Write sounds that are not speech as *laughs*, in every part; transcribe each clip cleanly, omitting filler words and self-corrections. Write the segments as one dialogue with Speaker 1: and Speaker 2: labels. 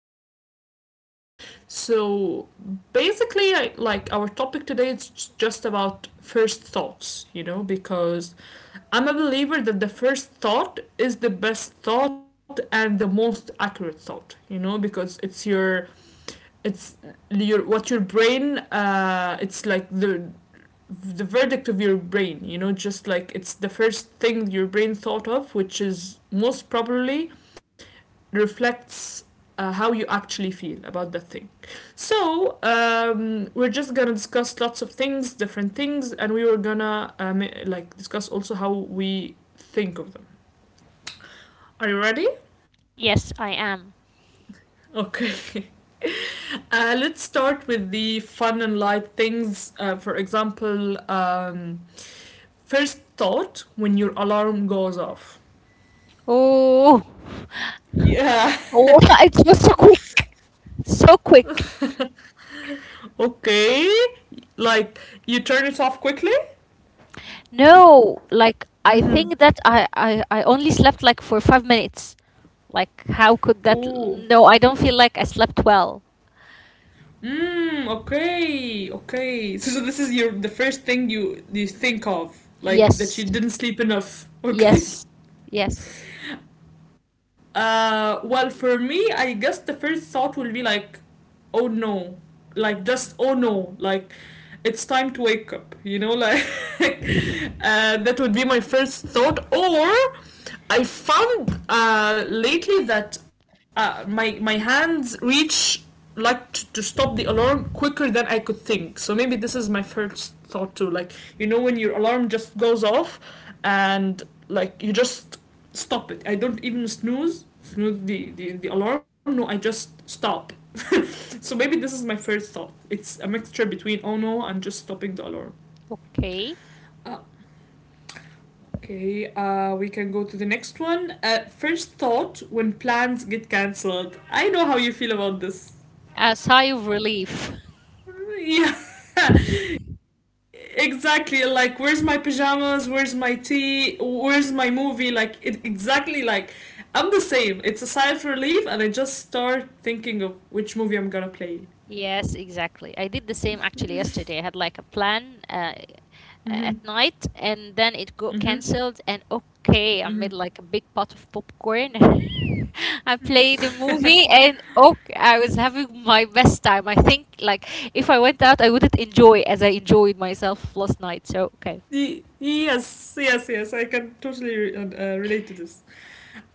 Speaker 1: is mentioned. Okay, so basically, like our topic today is just about first thoughts, you know, because I'm a believer that the first thought is the best thought and the most accurate thought, you know, because it's your it's what your brain it's like the verdict of your brain, you know, just like it's the first thing your brain thought of, which is most probably reflects how you actually feel about that thing. So, we're just gonna discuss lots of things, different things, and we were gonna like discuss also how we think of them. Are you ready?
Speaker 2: Yes, I am.
Speaker 1: Okay. *laughs* Let's start with the fun and light things. For example, first thought when your alarm goes off.
Speaker 2: Oh,
Speaker 1: Yeah. *laughs*
Speaker 2: oh, *laughs* it was so quick, so quick.
Speaker 1: Okay. Like you turn it off quickly.
Speaker 2: No, like I
Speaker 1: Mm-hmm.
Speaker 2: think that I only slept like for 5 minutes. Like, how could that?
Speaker 1: Ooh.
Speaker 2: No, I don't feel like I slept well.
Speaker 1: Mm, okay. Okay. So this is your the first thing you think of, like that
Speaker 2: Yes,
Speaker 1: you didn't sleep enough. *laughs*
Speaker 2: yes,
Speaker 1: Okay.
Speaker 2: yes.
Speaker 1: Well, for me, I guess the first thought will be like, oh no, like just oh no, like it's time to wake up, you know, like *laughs* and that would be my first thought. Or I found lately that my hands reach like to stop the alarm quicker than I could think. So maybe this is my first thought too, like, you know, when your alarm just goes off and like you just stop it. I don't even snooze the alarm. No, I just stop. *laughs* So maybe this is my first thought. It's a mixture between oh no and just stopping the alarm.
Speaker 2: Okay.
Speaker 1: Okay, we can go to the next one. First thought when plans get cancelled. I know how you feel about this.
Speaker 2: A sigh of relief. *laughs*
Speaker 1: Yeah, *laughs* exactly. Like, where's my pajamas? Where's my tea? Where's my movie? Like, exactly, like I'm the same. It's a sigh of relief, and I just start thinking of which movie I'm gonna play.
Speaker 2: Yes, exactly. I did the same actually yesterday. I had like a plan. At night, and then it got
Speaker 1: Mm hmm.
Speaker 2: cancelled, and okay, I
Speaker 1: Mm hmm.
Speaker 2: made like a big pot of popcorn. *laughs* I played the movie, and okay, I was having my best time. I think like if I went out, I wouldn't enjoy as I enjoyed myself last night, so okay.
Speaker 1: Yes, yes, yes. I can totally relate to this.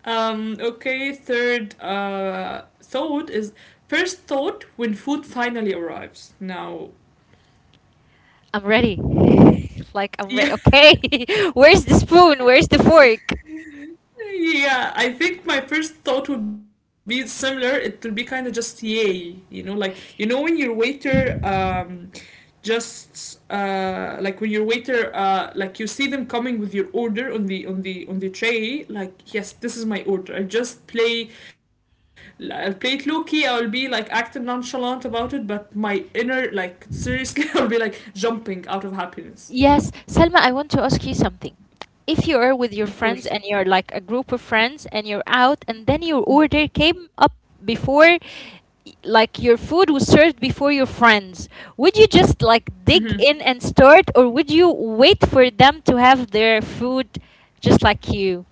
Speaker 1: Okay, third thought is first thought when food finally arrives. Now,
Speaker 2: I'm ready. *laughs* Like, I'm
Speaker 1: *laughs*
Speaker 2: ready.
Speaker 1: yeah.
Speaker 2: Okay. *laughs* Where's the spoon? Where's the fork?
Speaker 1: Yeah, I think my first thought would be similar. It will be kind of just yay, you know, like, you know, when your waiter just like when your waiter like you see them coming with your order on the tray, like, yes, this is my order. I'll play it low-key. I'll be like acting nonchalant about it, but my inner, like, seriously *laughs* I'll be like jumping out of happiness.
Speaker 2: Yes, Selma, I want to ask you something. If you are with your friends
Speaker 1: Of
Speaker 2: and you're
Speaker 1: course.
Speaker 2: like a group of friends and you're out, and then your order came up before, like your food was served before your friends, would you just like dig
Speaker 1: Mm-hmm.
Speaker 2: in and start, or would you wait for them to have their food just like you?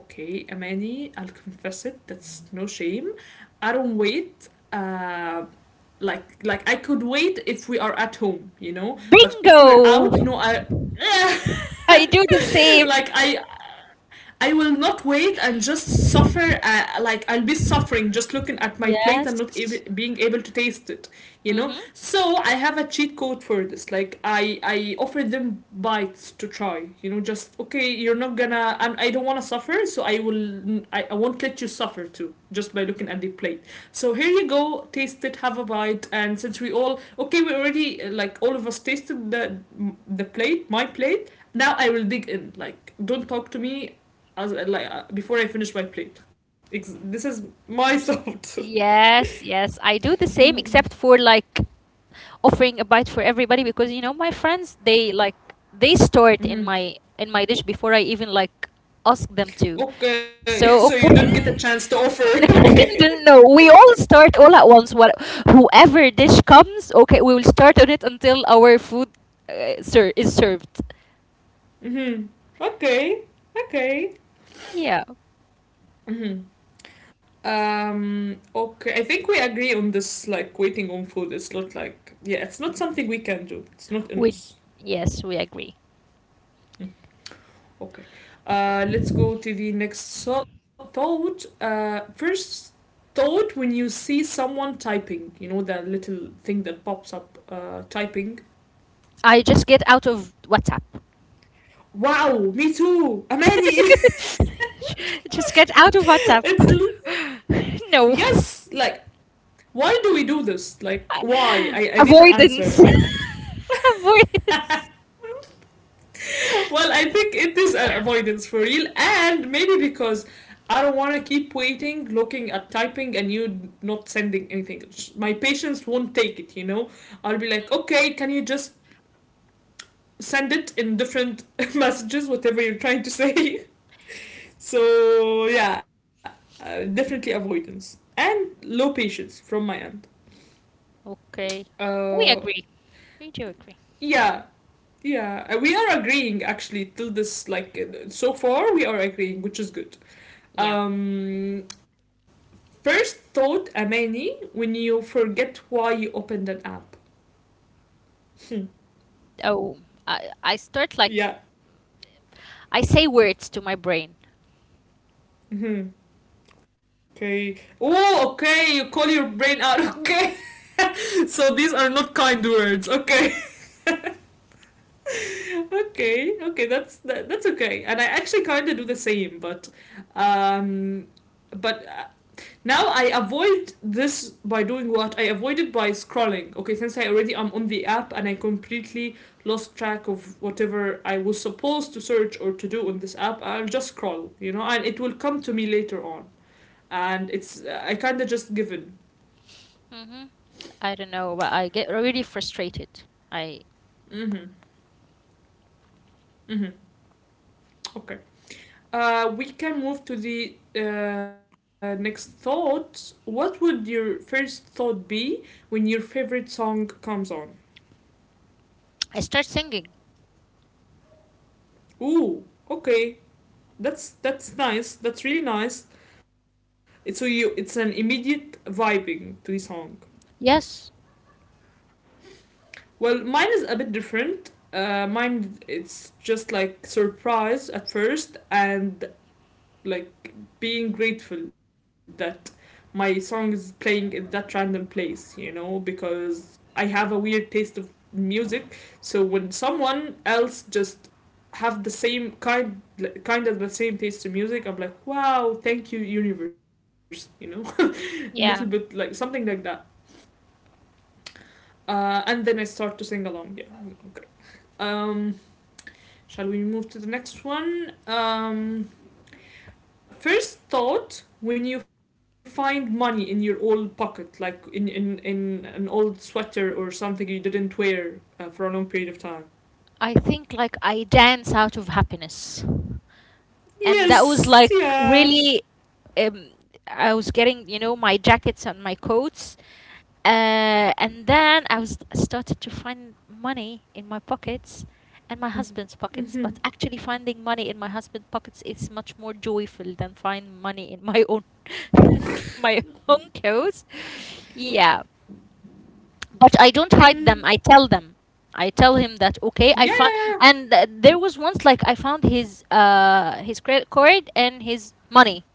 Speaker 1: Okay, Amani, I'll confess it. That's no shame. I don't wait. Like I could wait if we are at home, you know. But if we're out, no,
Speaker 2: Bingo!
Speaker 1: I *laughs*
Speaker 2: *laughs* I do the same.
Speaker 1: like I will not wait and just suffer. Like I'll be suffering just looking at my plate and not
Speaker 2: Yes.
Speaker 1: being able to taste it. You
Speaker 2: Mm-hmm.
Speaker 1: know. So I have a cheat code for this. Like I offer them bites to try. You know, just okay. You're not gonna. And I don't wanna suffer, so I will. I won't let you suffer too. Just by looking at the plate. So here you go. Taste it. Have a bite. And since we all okay, we already like all of us tasted the plate, my plate, now I will dig in. Like, don't talk to me as like, before I finish my plate. This is my thought.
Speaker 2: Yes, yes, I do the same,
Speaker 1: *laughs*
Speaker 2: except for like offering a bite for everybody because you know my friends, they like they store it in
Speaker 1: Mhm.
Speaker 2: my dish before I even like ask them to.
Speaker 1: Okay, *laughs* so you
Speaker 2: So
Speaker 1: don't get a chance
Speaker 2: okay.
Speaker 1: to offer. *laughs*
Speaker 2: *laughs*
Speaker 1: Okay.
Speaker 2: No, no, we all start all at once. What whoever dish comes, okay, we will start on it until our food is served.
Speaker 1: Hmm. Okay. Okay.
Speaker 2: Yeah,
Speaker 1: Hmm. Okay. I think we agree on this. Like waiting on food. It's not like, yeah. It's not something we can do. It's not in
Speaker 2: we
Speaker 1: us.
Speaker 2: yes, we agree.
Speaker 1: Okay. Let's go to the next thought. First thought when you see someone typing, you know, that little thing that pops up, typing.
Speaker 2: I just get out of WhatsApp.
Speaker 1: Wow, me too, Amani.
Speaker 2: *laughs*
Speaker 1: *laughs*
Speaker 2: Just get out of
Speaker 1: it's
Speaker 2: WhatsApp.
Speaker 1: li-
Speaker 2: *laughs* No.
Speaker 1: yes, like, why do we do this? Like why? I
Speaker 2: *laughs*
Speaker 1: need an answer.
Speaker 2: Avoidance. *laughs* Avoidance.
Speaker 1: *laughs* Well, I think it is an avoidance for real, and maybe because I don't want to keep waiting, looking at typing, and you not sending anything. My patience won't take it, you know? I'll be like,
Speaker 2: Mm,
Speaker 1: okay, can you just send it in different *laughs* messages, whatever you're trying to say? *laughs* So, yeah, definitely avoidance and low patience from my end.
Speaker 2: okay. We
Speaker 1: Uh,
Speaker 2: agree. We do agree.
Speaker 1: yeah. Yeah, we are agreeing actually till this, like, so far we are agreeing, which is good.
Speaker 2: Yeah.
Speaker 1: Um, First thought, Amani, when you forget why you opened an app. *laughs*
Speaker 2: Oh, I, I start like,
Speaker 1: Yeah.
Speaker 2: I say words to my brain.
Speaker 1: Yeah. Mhm. Okay. Oh, okay. You call your brain out. Okay. *laughs* So these are not kind words. Okay. *laughs* Okay. Okay. That's that's okay. And I actually kind of do the same, but um, but now I avoid this by doing what? I avoid it by scrolling. Okay, since I already am on the app and I completely lost track of whatever I was supposed to search or to do on this app, I'll just scroll, you know, and it will come to me later on. And it's I kind of just given.
Speaker 2: hmm I don't know, but I get really frustrated. I,
Speaker 1: Mm-hmm. Mm-hmm. Okay. We can move to the next thought. What would your first thought be when your favorite song comes on?
Speaker 2: I start singing.
Speaker 1: Ooh. Okay. That's nice. That's really nice. It's so you. It's an immediate vibing to the song.
Speaker 2: Yes.
Speaker 1: Well, mine is a bit different. Mine, it's just like surprise at first and like being grateful that my song is playing in that random place. You know, because I have a weird taste of music. So when someone else just have the same kind kind of the same taste in music, I'm like, wow, thank you, universe. You know, little bit like
Speaker 2: Yeah.
Speaker 1: something like that. And then I start to sing along. Yeah. Okay. Um, Shall we move to the next one? First thought when you find money in your old pocket, like in an old sweater or something you didn't wear for a long period of time.
Speaker 2: I think like I dance out of happiness. And that was
Speaker 1: Yes.
Speaker 2: like
Speaker 1: Yeah.
Speaker 2: really um, I was getting, you know, my jackets and my coats, and then I was started to find money in my pockets and my husband's
Speaker 1: Mm-hmm. Mm-hmm.
Speaker 2: pockets. But actually, finding money in my husband's pockets is much more joyful than find money in my own. *laughs* My own clothes. Yeah, but I don't
Speaker 1: Mm-hmm.
Speaker 2: hide them. I tell them. I tell him that okay,
Speaker 1: Yeah.
Speaker 2: I found,
Speaker 1: Yeah,
Speaker 2: and th- there was once like I found his credit card and his money,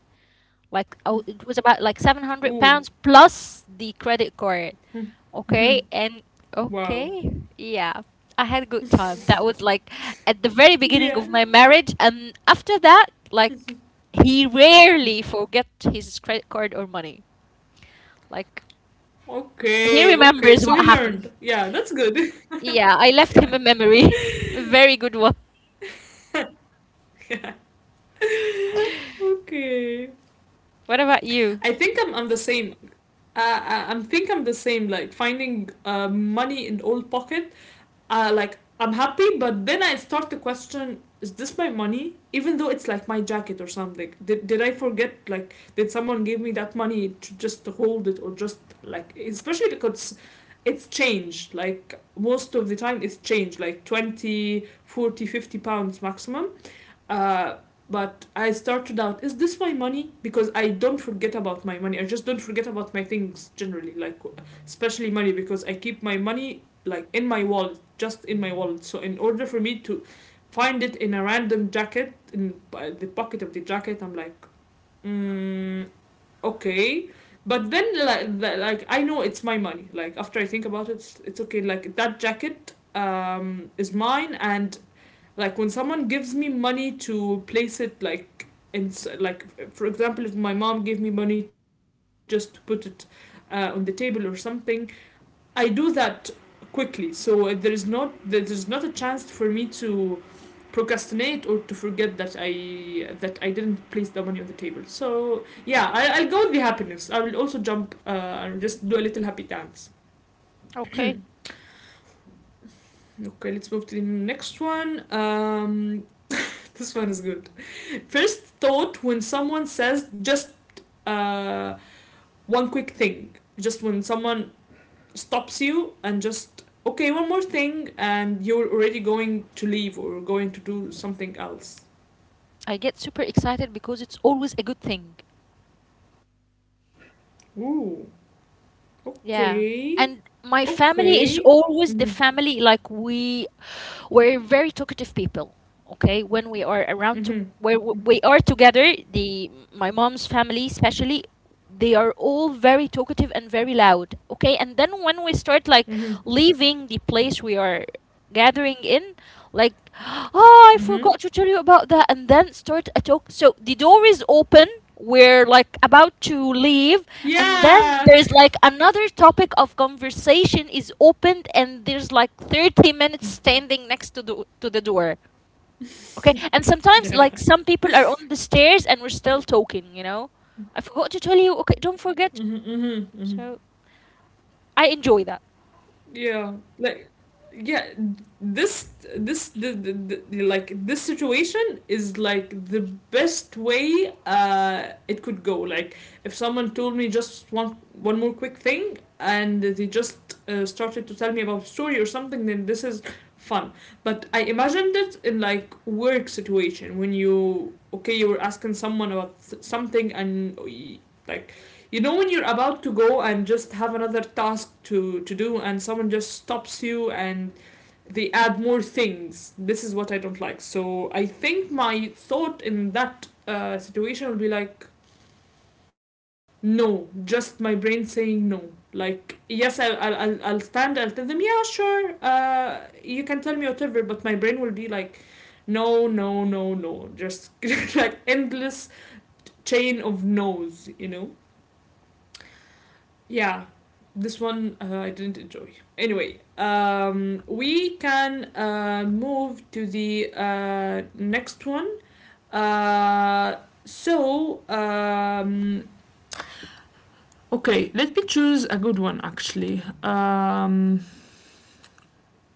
Speaker 2: like oh, it was
Speaker 1: yeah.
Speaker 2: about like
Speaker 1: Ooh.
Speaker 2: £700 plus the credit card,
Speaker 1: Mm-hmm.
Speaker 2: okay, and
Speaker 1: Wow.
Speaker 2: okay, yeah, I had a good time. That was like at the very
Speaker 1: *laughs*
Speaker 2: beginning
Speaker 1: Yeah.
Speaker 2: of my marriage, and after that, like he rarely forget his credit card or money, like
Speaker 1: Okay.
Speaker 2: he
Speaker 1: Okay. So he
Speaker 2: remembers what
Speaker 1: learned.
Speaker 2: happened.
Speaker 1: Yeah. That's good.
Speaker 2: Yeah,
Speaker 1: *laughs*
Speaker 2: I
Speaker 1: Yeah.
Speaker 2: left him a memory. *laughs* A
Speaker 1: *laughs*
Speaker 2: very good one.
Speaker 1: Okay.
Speaker 2: What about you?
Speaker 1: I think I'm the same. I I'm think I'm the same. Like finding money in old pocket. Like I'm happy, but then I start to question: is this my money? Even though it's like my jacket or something. Did I forget? Like did someone give me that money to just to hold it? Or just like, especially because it's changed like most of the time it's changed like 20, 40, £50 maximum. Uh, but I start to doubt, is this my money? Because I don't forget about my money. I just don't forget about my things generally, like especially money, because I keep my money like in my wallet, just in my wallet. So in order for me to find it in a random jacket in the pocket of the jacket, I'm like, mm, okay. But then, like like I know it's my money. Like after I think about it, it's okay. Like that jacket, is mine. And like when someone gives me money to place it, like in like, for example, if my mom gave me money just to put it on the table or something, I do that quickly. So there is not a chance for me to procrastinate or to forget that I didn't place the money on the table. So yeah, I'll go with the happiness. I will also jump and just do a little happy dance.
Speaker 2: Okay.
Speaker 1: *clears throat* Okay, let's move to the next one. This one is good. First thought when someone says just uh, one quick thing, just when someone stops you and just okay, one more thing, and you're already going to leave or going to do something else.
Speaker 2: I get super excited because it's always a good thing.
Speaker 1: Ooh, okay,
Speaker 2: Yeah. And my
Speaker 1: okay.
Speaker 2: family is
Speaker 1: Mhm,
Speaker 2: always the family like we're very talkative people. Okay, when we are around to
Speaker 1: mhm,
Speaker 2: where we are together, the my mom's family especially, they are all very talkative and very loud. Okay, and then when we start like
Speaker 1: mhm,
Speaker 2: leaving the place we are gathering in, like *gasps* oh, I
Speaker 1: mhm.
Speaker 2: forgot to tell you about that, and then start a talk, so the door is open, we're like about to leave,
Speaker 1: Yeah,
Speaker 2: and then there's like another topic of conversation is opened, and there's like 30 minutes
Speaker 1: *laughs*
Speaker 2: standing next to the door. Okay, and sometimes like
Speaker 1: yeah.
Speaker 2: some people are on the stairs and we're still talking, you know, I forgot to tell you, okay,
Speaker 1: Mhm,
Speaker 2: don't
Speaker 1: mhm,
Speaker 2: forget.
Speaker 1: mhm.
Speaker 2: So I enjoy that.
Speaker 1: Yeah, like, yeah, this this like this situation is like the best way it could go. Like if someone told me just one more quick thing and they just started to tell me about a story or something, then this is fun. But I imagined it in like work situation when you okay you were asking someone about something and like you know when you're about to go and just have another task to do and someone just stops you and they add more things. This is what I don't like. So I think my thought in that situation will be like no, just my brain saying no. Like yes, I'll stand. I'll tell them yeah, sure. You can tell me whatever, but my brain will be like no no no no just *laughs* like endless chain of no's. Yeah, this one I didn't enjoy. Anyway, we can move to the next one. uh, so um, okay, let me choose a good one actually.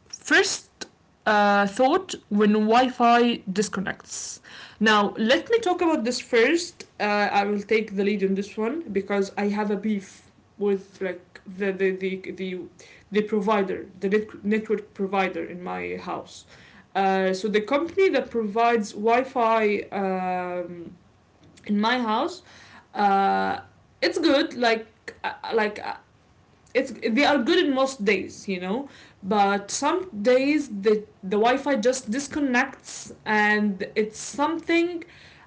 Speaker 1: First thought when Wi Fi disconnects. Now, let me talk about this first. I will take the lead on this one because I have a beef with like the provider, the network provider in my house. So the company that provides Wi-Fi in my house, uh, it's good. Like uh, like uh, it's they are good in most days you know but some days the wi-fi just disconnects and it's something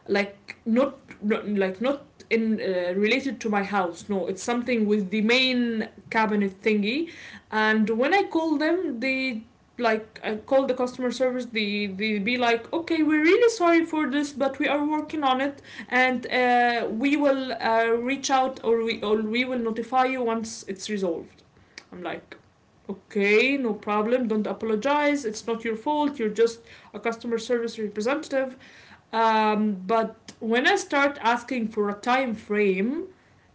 Speaker 1: like not in related to my house, no, it's something with the main cabinet thingy. And when I call them, they like I call the customer service, they be like okay we're really sorry for this but we are working on it and we will reach out, or we will notify you once it's resolved. I'm like okay no problem don't apologize it's not your fault you're just a customer service representative. But when I start asking for a time frame,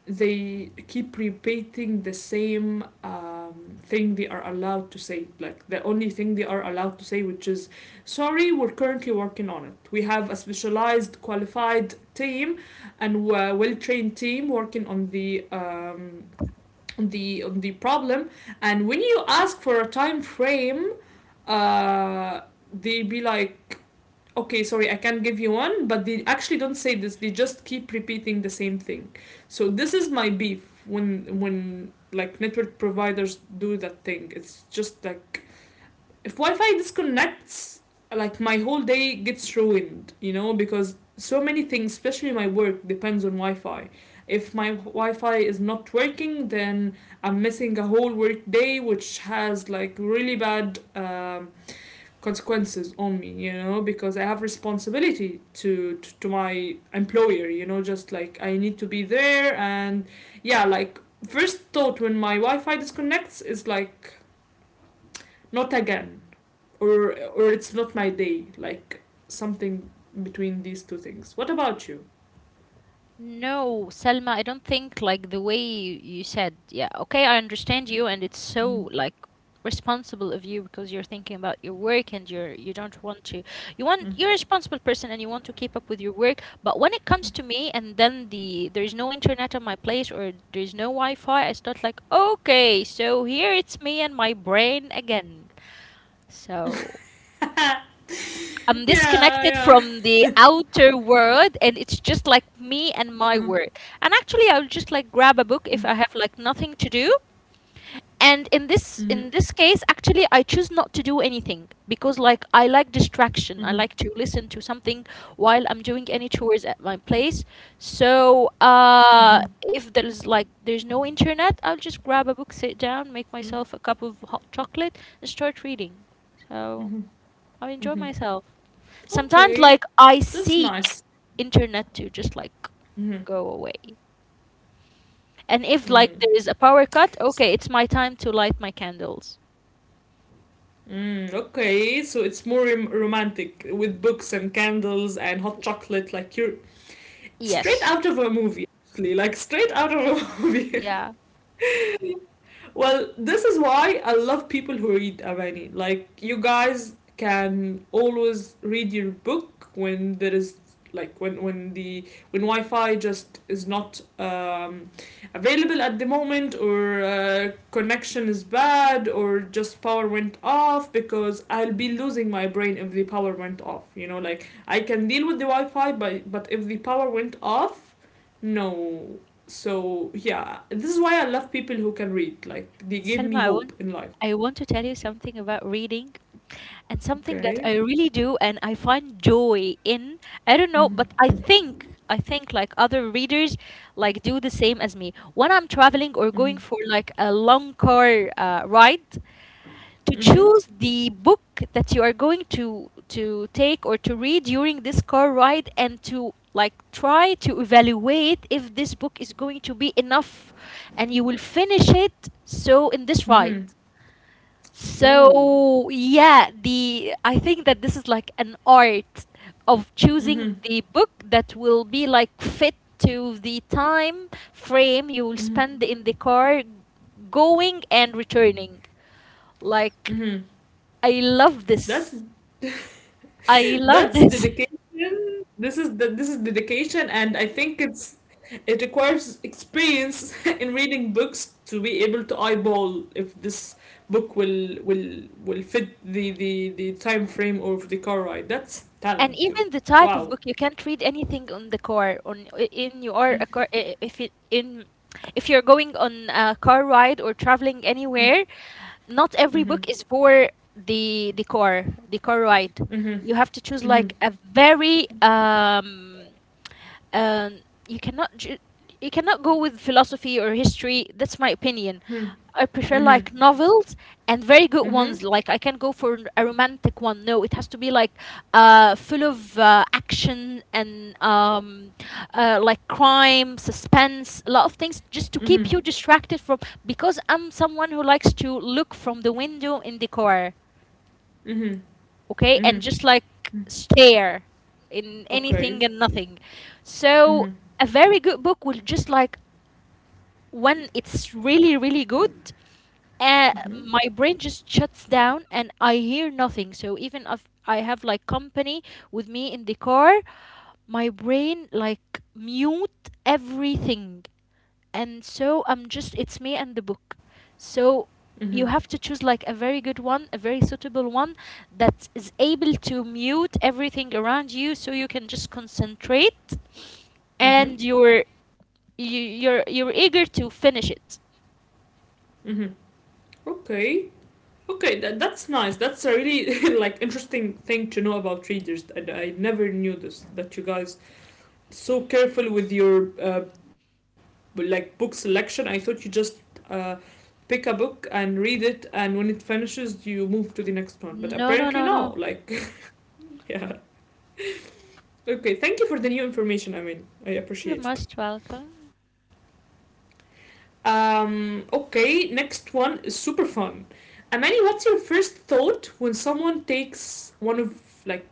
Speaker 1: they keep repeating the same thing they are allowed to say, like the only thing they are allowed to say, which is sorry we're currently working on it, we have a specialized qualified team and a well-trained team working on the on the on the problem. And when you ask for a time frame, uh, they be like okay sorry I can't give you one, but they actually don't say this, they just keep repeating the same thing. So this is my beef. When like network providers do that thing, it's just like if wi-fi disconnects, like my whole day gets ruined, you know, because so many things, especially my work, depends on wi-fi. If my wi-fi is not working, then I'm missing a whole work day, which has like really bad consequences on me, you know, because I have responsibility to my employer, you know, just like I need to be there. And yeah, like first thought when my wi-fi disconnects is like not again, or it's not my day, like something between these two things. What about you?
Speaker 2: No, Selma, I don't think like the way you said, yeah, okay, I understand you, and it's
Speaker 1: Mm-hmm.
Speaker 2: so like responsible of you because you're thinking about your work, and you don't want to, you're a responsible person and you want to keep up with your work. But when it comes to me, and then there's no internet at my place or there's no Wi-Fi, I start like, okay, so here it's me and my brain again. So
Speaker 1: *laughs*
Speaker 2: I'm disconnected
Speaker 1: Yeah,
Speaker 2: from the
Speaker 1: yeah. *laughs*
Speaker 2: outer world, and it's just like me and my world. And actually, I'll just like grab a book if I have like nothing to do. And in this
Speaker 1: Mhm, mhm,
Speaker 2: in this case, actually, I choose not to do anything because like I like distraction. I
Speaker 1: mhm,
Speaker 2: like to listen to something while I'm doing any chores at my place. So
Speaker 1: mhm,
Speaker 2: if there's like there's no internet, I'll just grab a book, sit down, make
Speaker 1: mhm,
Speaker 2: myself a cup of hot chocolate, and start reading. So
Speaker 1: mhm,
Speaker 2: I enjoy
Speaker 1: mhm.
Speaker 2: myself. Sometimes
Speaker 1: Okay,
Speaker 2: like I
Speaker 1: that's
Speaker 2: seek
Speaker 1: nice.
Speaker 2: internet to just like
Speaker 1: Mhm.
Speaker 2: go away. And if
Speaker 1: Mm.
Speaker 2: like there is a power cut, okay, it's my time to light my candles.
Speaker 1: Mm, okay, so it's more romantic with books and candles and hot
Speaker 2: Y-
Speaker 1: chocolate. Like you're straight
Speaker 2: yes.
Speaker 1: out of a movie, like straight out of a *laughs* movie.
Speaker 2: Yeah.
Speaker 1: Well, this is why I love people who read, Amani. Like you guys can always read your book when there is like when the when Wi-Fi just is not available at the moment, or connection is bad, or just power went off, because I'll be losing my brain if the power went off. You know, like I can deal with the Wi-Fi, but if the power went off, no. So yeah, this is why I love people who can read, like they give
Speaker 2: Selma,
Speaker 1: me hope in life.
Speaker 2: I want to tell you something about reading, and something that
Speaker 1: Okay.
Speaker 2: I really do and I find joy in. I don't know, but
Speaker 1: Mm-hmm.
Speaker 2: I think like other readers like do the same as me. When I'm traveling or
Speaker 1: Mm-hmm.
Speaker 2: going for like a long car ride, to
Speaker 1: Mm-hmm.
Speaker 2: choose the book that you are going to take or to read during this car ride, and to like try to evaluate if this book is going to be enough and you will finish it so in this ride.
Speaker 1: Mm-hmm. Ooh.
Speaker 2: So yeah, the I think that this is like an art of choosing
Speaker 1: Mm-hmm.
Speaker 2: the book that will be like fit to the time frame you will
Speaker 1: Mm-hmm.
Speaker 2: spend in the car going and returning, like
Speaker 1: Mm-hmm.
Speaker 2: I love
Speaker 1: That's
Speaker 2: this.
Speaker 1: *laughs*
Speaker 2: I love
Speaker 1: that's
Speaker 2: this. *laughs*
Speaker 1: dedication. This is dedication, and I think it's it requires experience *laughs* in reading books to be able to eyeball if this book will fit the time frame of the car ride. That's
Speaker 2: And
Speaker 1: talent too.
Speaker 2: even the type of
Speaker 1: Wow.
Speaker 2: book, you can't read anything on the car on in your a car if it in if you're going on a car ride or traveling anywhere, not every
Speaker 1: Mm-hmm.
Speaker 2: book is for the car ride.
Speaker 1: Mm-hmm.
Speaker 2: You have to choose
Speaker 1: Mm-hmm.
Speaker 2: like a very um, you cannot you cannot go with philosophy or history. That's my opinion. I prefer like
Speaker 1: Mm-hmm.
Speaker 2: novels and very good ones.
Speaker 1: Mm-hmm.
Speaker 2: Like I can go for a romantic one. No, it has to be like full of action, and like crime, suspense, a lot of things, just to keep
Speaker 1: Mm-hmm.
Speaker 2: you distracted from. Because I'm someone who likes to look from the window in the car,
Speaker 1: Mm-hmm.
Speaker 2: okay, and
Speaker 1: Mm-hmm.
Speaker 2: just like stare in anything and
Speaker 1: Okay.
Speaker 2: nothing. So
Speaker 1: Mm-hmm.
Speaker 2: a very good book will just like, when it's really really good,
Speaker 1: Mm-hmm.
Speaker 2: my brain just shuts down and I hear nothing. So even if I have like company with me in the car, my brain like mute everything, and so I'm just, it's me and the book. So you
Speaker 1: Mm-hmm.
Speaker 2: have to choose like a very good one, a very suitable one that is able to mute everything around you so you can just concentrate and
Speaker 1: Mm-hmm.
Speaker 2: you're you're eager to finish it.
Speaker 1: Okay. Okay, that's nice. That's a really *laughs* like interesting thing to know about readers. I never knew this, that you guys so careful with your like book selection. I thought you just uh, pick a book and read it, and when it finishes, you move to the next one. But
Speaker 2: No, no,
Speaker 1: apparently,
Speaker 2: no, no.
Speaker 1: no. Like, *laughs* yeah. Okay, thank you for the new information, I mean. I
Speaker 2: You're
Speaker 1: appreciate
Speaker 2: most
Speaker 1: it.
Speaker 2: welcome.
Speaker 1: Okay, next one is super fun. Amani, what's your first thought when someone takes one of, like,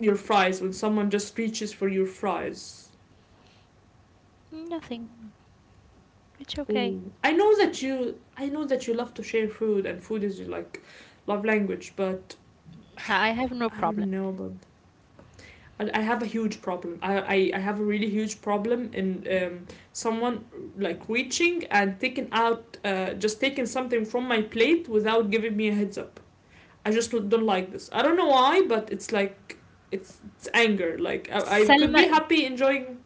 Speaker 1: your fries, when someone just reaches for your fries?
Speaker 2: Nothing. It's okay.
Speaker 1: Oh, I know that I know that you love to share food, and food is your, like, love language, but
Speaker 2: I have no
Speaker 1: I
Speaker 2: problem.
Speaker 1: don't know about I have a huge problem. I have a really huge problem in someone like reaching and taking out, just taking something from my plate without giving me a heads up. I just don't like this. I don't know why, but it's like, it's anger. Like, I could
Speaker 2: Selma,
Speaker 1: be happy enjoying.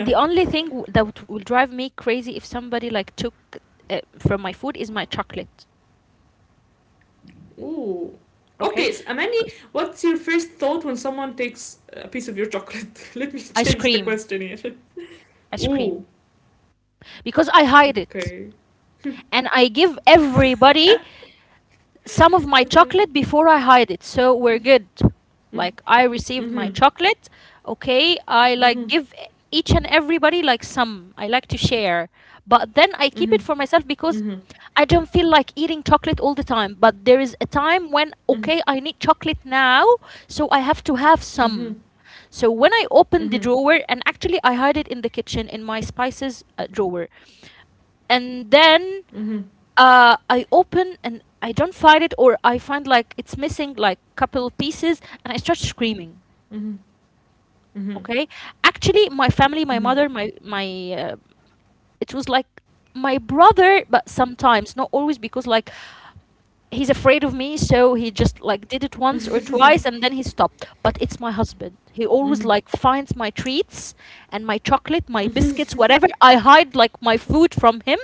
Speaker 2: the only thing that will drive me crazy if somebody like took from my food is my chocolate.
Speaker 1: Ooh.
Speaker 2: Okay.
Speaker 1: Okay, so Amani,
Speaker 2: 'Cause
Speaker 1: what's your first thought when someone takes a piece of your chocolate? *laughs* Let me
Speaker 2: I
Speaker 1: change the
Speaker 2: scream.
Speaker 1: question here.
Speaker 2: I
Speaker 1: *laughs*
Speaker 2: scream,
Speaker 1: Ooh,
Speaker 2: because I hide
Speaker 1: okay.
Speaker 2: it, and I give everybody some of my chocolate before I hide it. So we're good.
Speaker 1: Mm-hmm.
Speaker 2: Like, I received my
Speaker 1: Mm-hmm.
Speaker 2: chocolate. Okay, I
Speaker 1: Mm-hmm.
Speaker 2: like give each and everybody like some. I like to share. But
Speaker 1: Mm-hmm.
Speaker 2: then I keep it for
Speaker 1: Mm-hmm.
Speaker 2: myself because I don't feel like eating chocolate all the time. But there is a time when
Speaker 1: Mhm.
Speaker 2: okay, I need chocolate now, so I have to have
Speaker 1: Mhm.
Speaker 2: some. So when I open the
Speaker 1: Mhm.
Speaker 2: drawer, and actually I hide it in the kitchen in my spices drawer. And
Speaker 1: Mhm.
Speaker 2: then I open and I don't find it, or I find like it's missing like couple pieces, and I start screaming.
Speaker 1: Mhm. Mhm.
Speaker 2: Okay, actually my family, my
Speaker 1: Mhm.
Speaker 2: mother, my it was like my brother, but sometimes not always, because like he's afraid of me, so he just like did it once or twice and then he stopped. But it's my husband, he always
Speaker 1: Mhm.
Speaker 2: like finds my treats and my chocolate, my biscuits, whatever I hide like my food from him,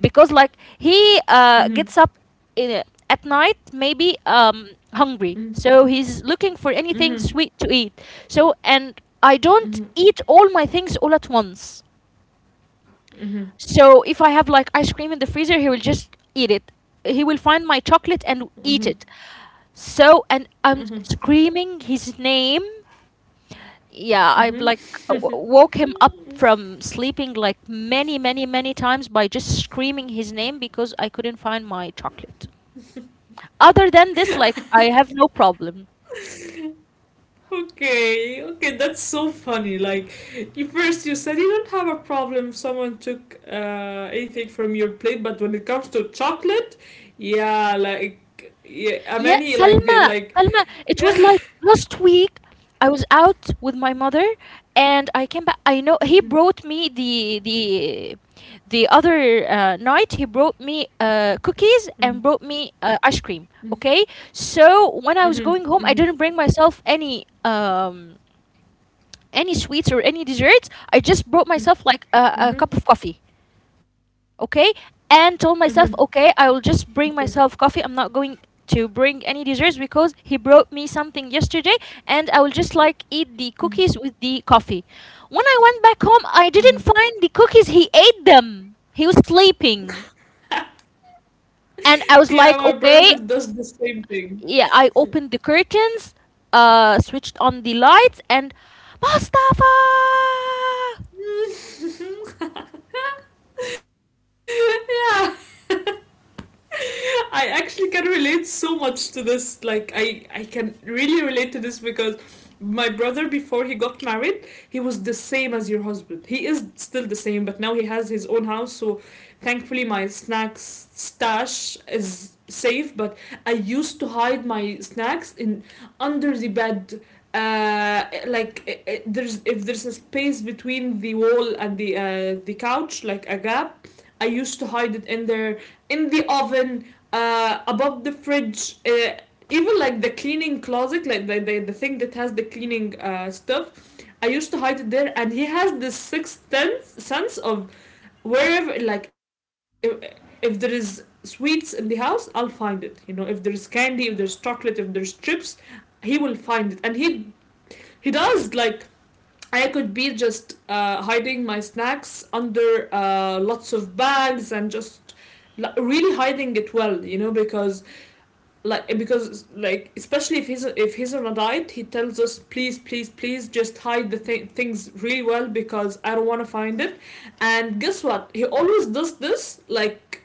Speaker 2: because like
Speaker 1: Mhm.
Speaker 2: he
Speaker 1: Mhm.
Speaker 2: gets up in a- at night, maybe hungry,
Speaker 1: Mhm.
Speaker 2: so he's looking for
Speaker 1: Mhm.
Speaker 2: anything
Speaker 1: Mhm.
Speaker 2: sweet to eat. So and I don't eat all my things all at once,
Speaker 1: Mhm.
Speaker 2: so if I have like ice cream in the freezer, he will just eat it. He will find my chocolate and eat it. So and
Speaker 1: Mhm.
Speaker 2: I'm
Speaker 1: Mhm.
Speaker 2: screaming his name. Yeah, I've
Speaker 1: Mhm.
Speaker 2: like woke him up from sleeping like many, many, many times by just screaming his name because I couldn't find my chocolate. Other than this, like I have no problem.
Speaker 1: *laughs* Okay, okay, that's so funny. Like, you first you said you don't have a problem if someone took anything from your plate, but when it comes to chocolate, yeah, like, yeah,
Speaker 2: Yeah,
Speaker 1: many like
Speaker 2: Salma,
Speaker 1: like
Speaker 2: Salma, it
Speaker 1: yeah.
Speaker 2: was
Speaker 1: *laughs*
Speaker 2: like last week I was out with my mother and I came back. I know he
Speaker 1: Mhm.
Speaker 2: brought me the other night. He brought me cookies
Speaker 1: Mhm.
Speaker 2: and brought me ice cream, okay? So when I was
Speaker 1: Mhm.
Speaker 2: going home, I
Speaker 1: Mhm.
Speaker 2: didn't bring myself any any sweets or any desserts. I just brought
Speaker 1: Mhm.
Speaker 2: myself like a
Speaker 1: Mhm.
Speaker 2: cup of coffee, okay,
Speaker 1: Mm-hmm.
Speaker 2: and told myself, okay, I will
Speaker 1: Okay.
Speaker 2: just bring myself coffee. I'm not going to bring any desserts because he brought me something yesterday, and I will just like eat the
Speaker 1: Mm-hmm.
Speaker 2: cookies with the coffee. When I went back home, I
Speaker 1: Mm-hmm.
Speaker 2: didn't find the cookies. He ate them. He was sleeping, and I was
Speaker 1: Yeah,
Speaker 2: like,
Speaker 1: my
Speaker 2: okay.
Speaker 1: brother does the same thing.
Speaker 2: Yeah, I opened the curtains, switched on the lights, and Mustafa.
Speaker 1: *laughs* *laughs* Yeah. *laughs* *laughs* I actually can relate so much to this. Like I can really relate to this because my brother before he got married, he was the same as your husband. He is still the same, but now he has his own house, so thankfully my snacks stash is safe. But I used to hide my snacks in under the bed, like there's if there's a space between the wall and the couch like a gap. I used to hide it in there, in the oven, above the fridge, even like the cleaning closet, like the thing that has the cleaning stuff. I used to hide it there, and he has this sixth sense, sense of wherever, like, if there is sweets in the house, I'll find it. You know, if there's candy, if there's chocolate, if there's chips, he will find it, and he does like I could be just hiding my snacks under lots of bags and just really hiding it well, you know, because like especially if he's on a diet, he tells us please please please just hide the things really well because I don't want to find it. And guess what? He always does this like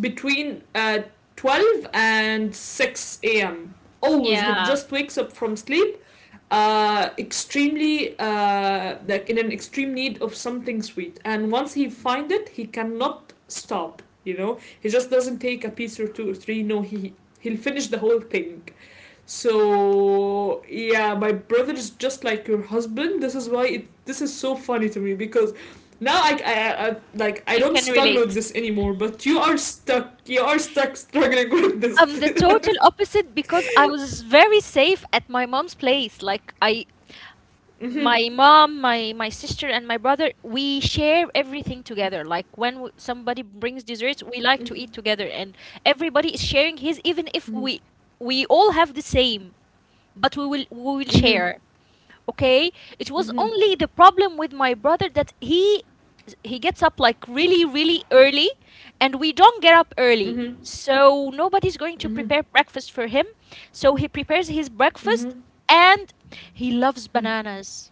Speaker 1: between 12 and 6 a.m. Always, he
Speaker 2: Yeah,
Speaker 1: just wakes up from sleep, extremely like in an extreme need of something sweet. And once he finds it, he cannot stop. You know, he just doesn't take a piece or two or three. No, he'll finish the whole thing. So yeah, my brother is just like your husband. This is why it this is so funny to me, because now I like I
Speaker 2: you
Speaker 1: don't
Speaker 2: can
Speaker 1: struggle with
Speaker 2: relate.
Speaker 1: this anymore, but you are stuck. You are stuck struggling with this.
Speaker 2: I'm the total opposite, because I was very safe at my mom's place. Like, I
Speaker 1: Mhm.
Speaker 2: my mom, my sister and my brother, we share everything together. Like, when somebody brings
Speaker 1: Mhm.
Speaker 2: desserts, we like to eat together, and everybody is sharing his. Even if we we all have the same, but we will
Speaker 1: Mhm.
Speaker 2: share, okay. It was
Speaker 1: Mhm.
Speaker 2: only the problem with my brother, that he gets up like really really early, and we don't get up early,
Speaker 1: Mhm.
Speaker 2: so nobody's going to
Speaker 1: Mhm.
Speaker 2: prepare breakfast for him. So he prepares his breakfast,
Speaker 1: Mhm.
Speaker 2: and he loves
Speaker 1: Mhm.
Speaker 2: bananas.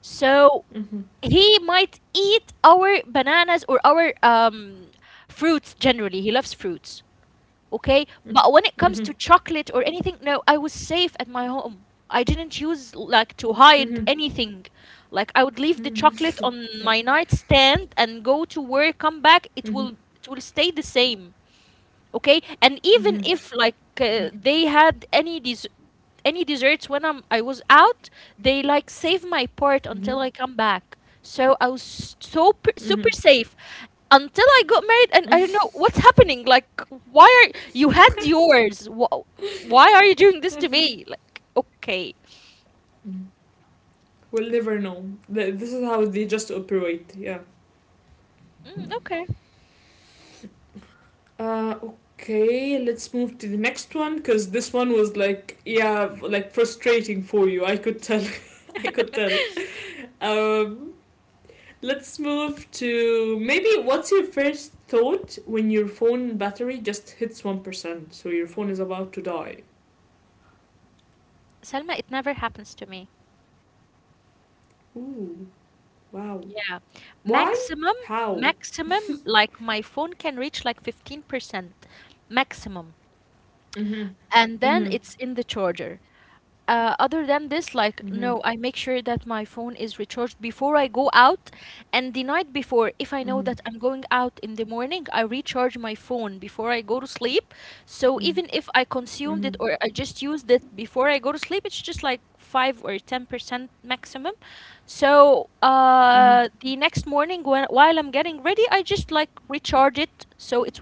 Speaker 2: So
Speaker 1: Mhm.
Speaker 2: he might eat our bananas or our fruits. Generally, he loves fruits, okay? But when
Speaker 1: Mhm. Mhm.
Speaker 2: it
Speaker 1: Mhm.
Speaker 2: comes to chocolate or anything, no, I was safe at my home. I didn't use like to hide
Speaker 1: Mhm.
Speaker 2: anything. Like, I would leave the chocolate on my nightstand and go to work, come back. It
Speaker 1: Mhm.
Speaker 2: will stay the same, okay. And even
Speaker 1: Mhm.
Speaker 2: if like they had any any desserts when I was out, they like save my part until I come back. So I was so
Speaker 1: Mhm.
Speaker 2: super safe until I got married, and I don't know what's happening. Like, why are you had yours why are you doing this to
Speaker 1: Mhm.
Speaker 2: me? Like, okay.
Speaker 1: Mhm. We'll never know. This is how they just operate. Yeah.
Speaker 2: Mm, okay.
Speaker 1: Okay, let's move to the next one because this one was like, yeah, like frustrating for you. I could tell. *laughs* I could tell. Um, let's move to maybe what's your first thought when your phone battery just hits 1%? So your phone is about to die.
Speaker 2: Selma, it never happens to me.
Speaker 1: Ooh, wow.
Speaker 2: Yeah,
Speaker 1: Why?
Speaker 2: maximum
Speaker 1: How?
Speaker 2: maximum like my phone can reach like 15%, maximum,
Speaker 1: Mm
Speaker 2: and
Speaker 1: hmm. Mm
Speaker 2: then
Speaker 1: hmm.
Speaker 2: it's in the charger. Other than this, like,
Speaker 1: Mm hmm.
Speaker 2: no, I make sure that my phone is recharged before I go out. And the night before, if
Speaker 1: Mm
Speaker 2: I
Speaker 1: hmm.
Speaker 2: know that I'm going out in the morning, I recharge my phone before I go to sleep. So
Speaker 1: Mm
Speaker 2: even if I
Speaker 1: hmm.
Speaker 2: consumed it or I just used it before I go to sleep, it's just like 5 or 10%, maximum. So
Speaker 1: Mm
Speaker 2: the next morning, when, while I'm getting ready, I just like recharge it, so it's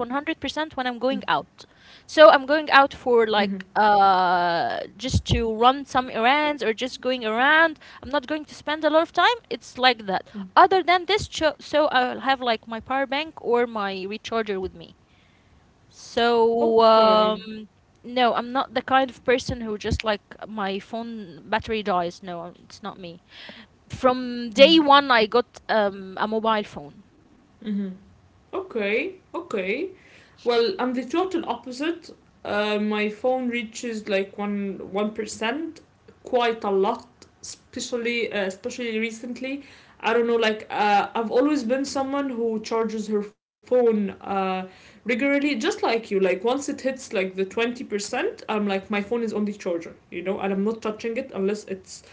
Speaker 1: hmm.
Speaker 2: 100% when I'm going out. So I'm going out
Speaker 1: Mm
Speaker 2: for like just to run some errands or just going around. I'm not going to spend a lot of time. It's like that.
Speaker 1: hmm.
Speaker 2: Other than this, so I'll have like my power bank or my recharger with me. So
Speaker 1: Okay.
Speaker 2: no, I'm not the kind of person who just like my phone battery dies. No, it's not me. From day
Speaker 1: Mm.
Speaker 2: one, I got a mobile phone.
Speaker 1: Mm-hmm. Okay, okay. Well, I'm the total opposite. My phone reaches like one percent, quite a lot, especially especially recently. I don't know, like I've always been someone who charges her phone regularly, just like you. Like once it hits like the 20%, I'm like my phone is on the charger, you know, and I'm not touching it unless it's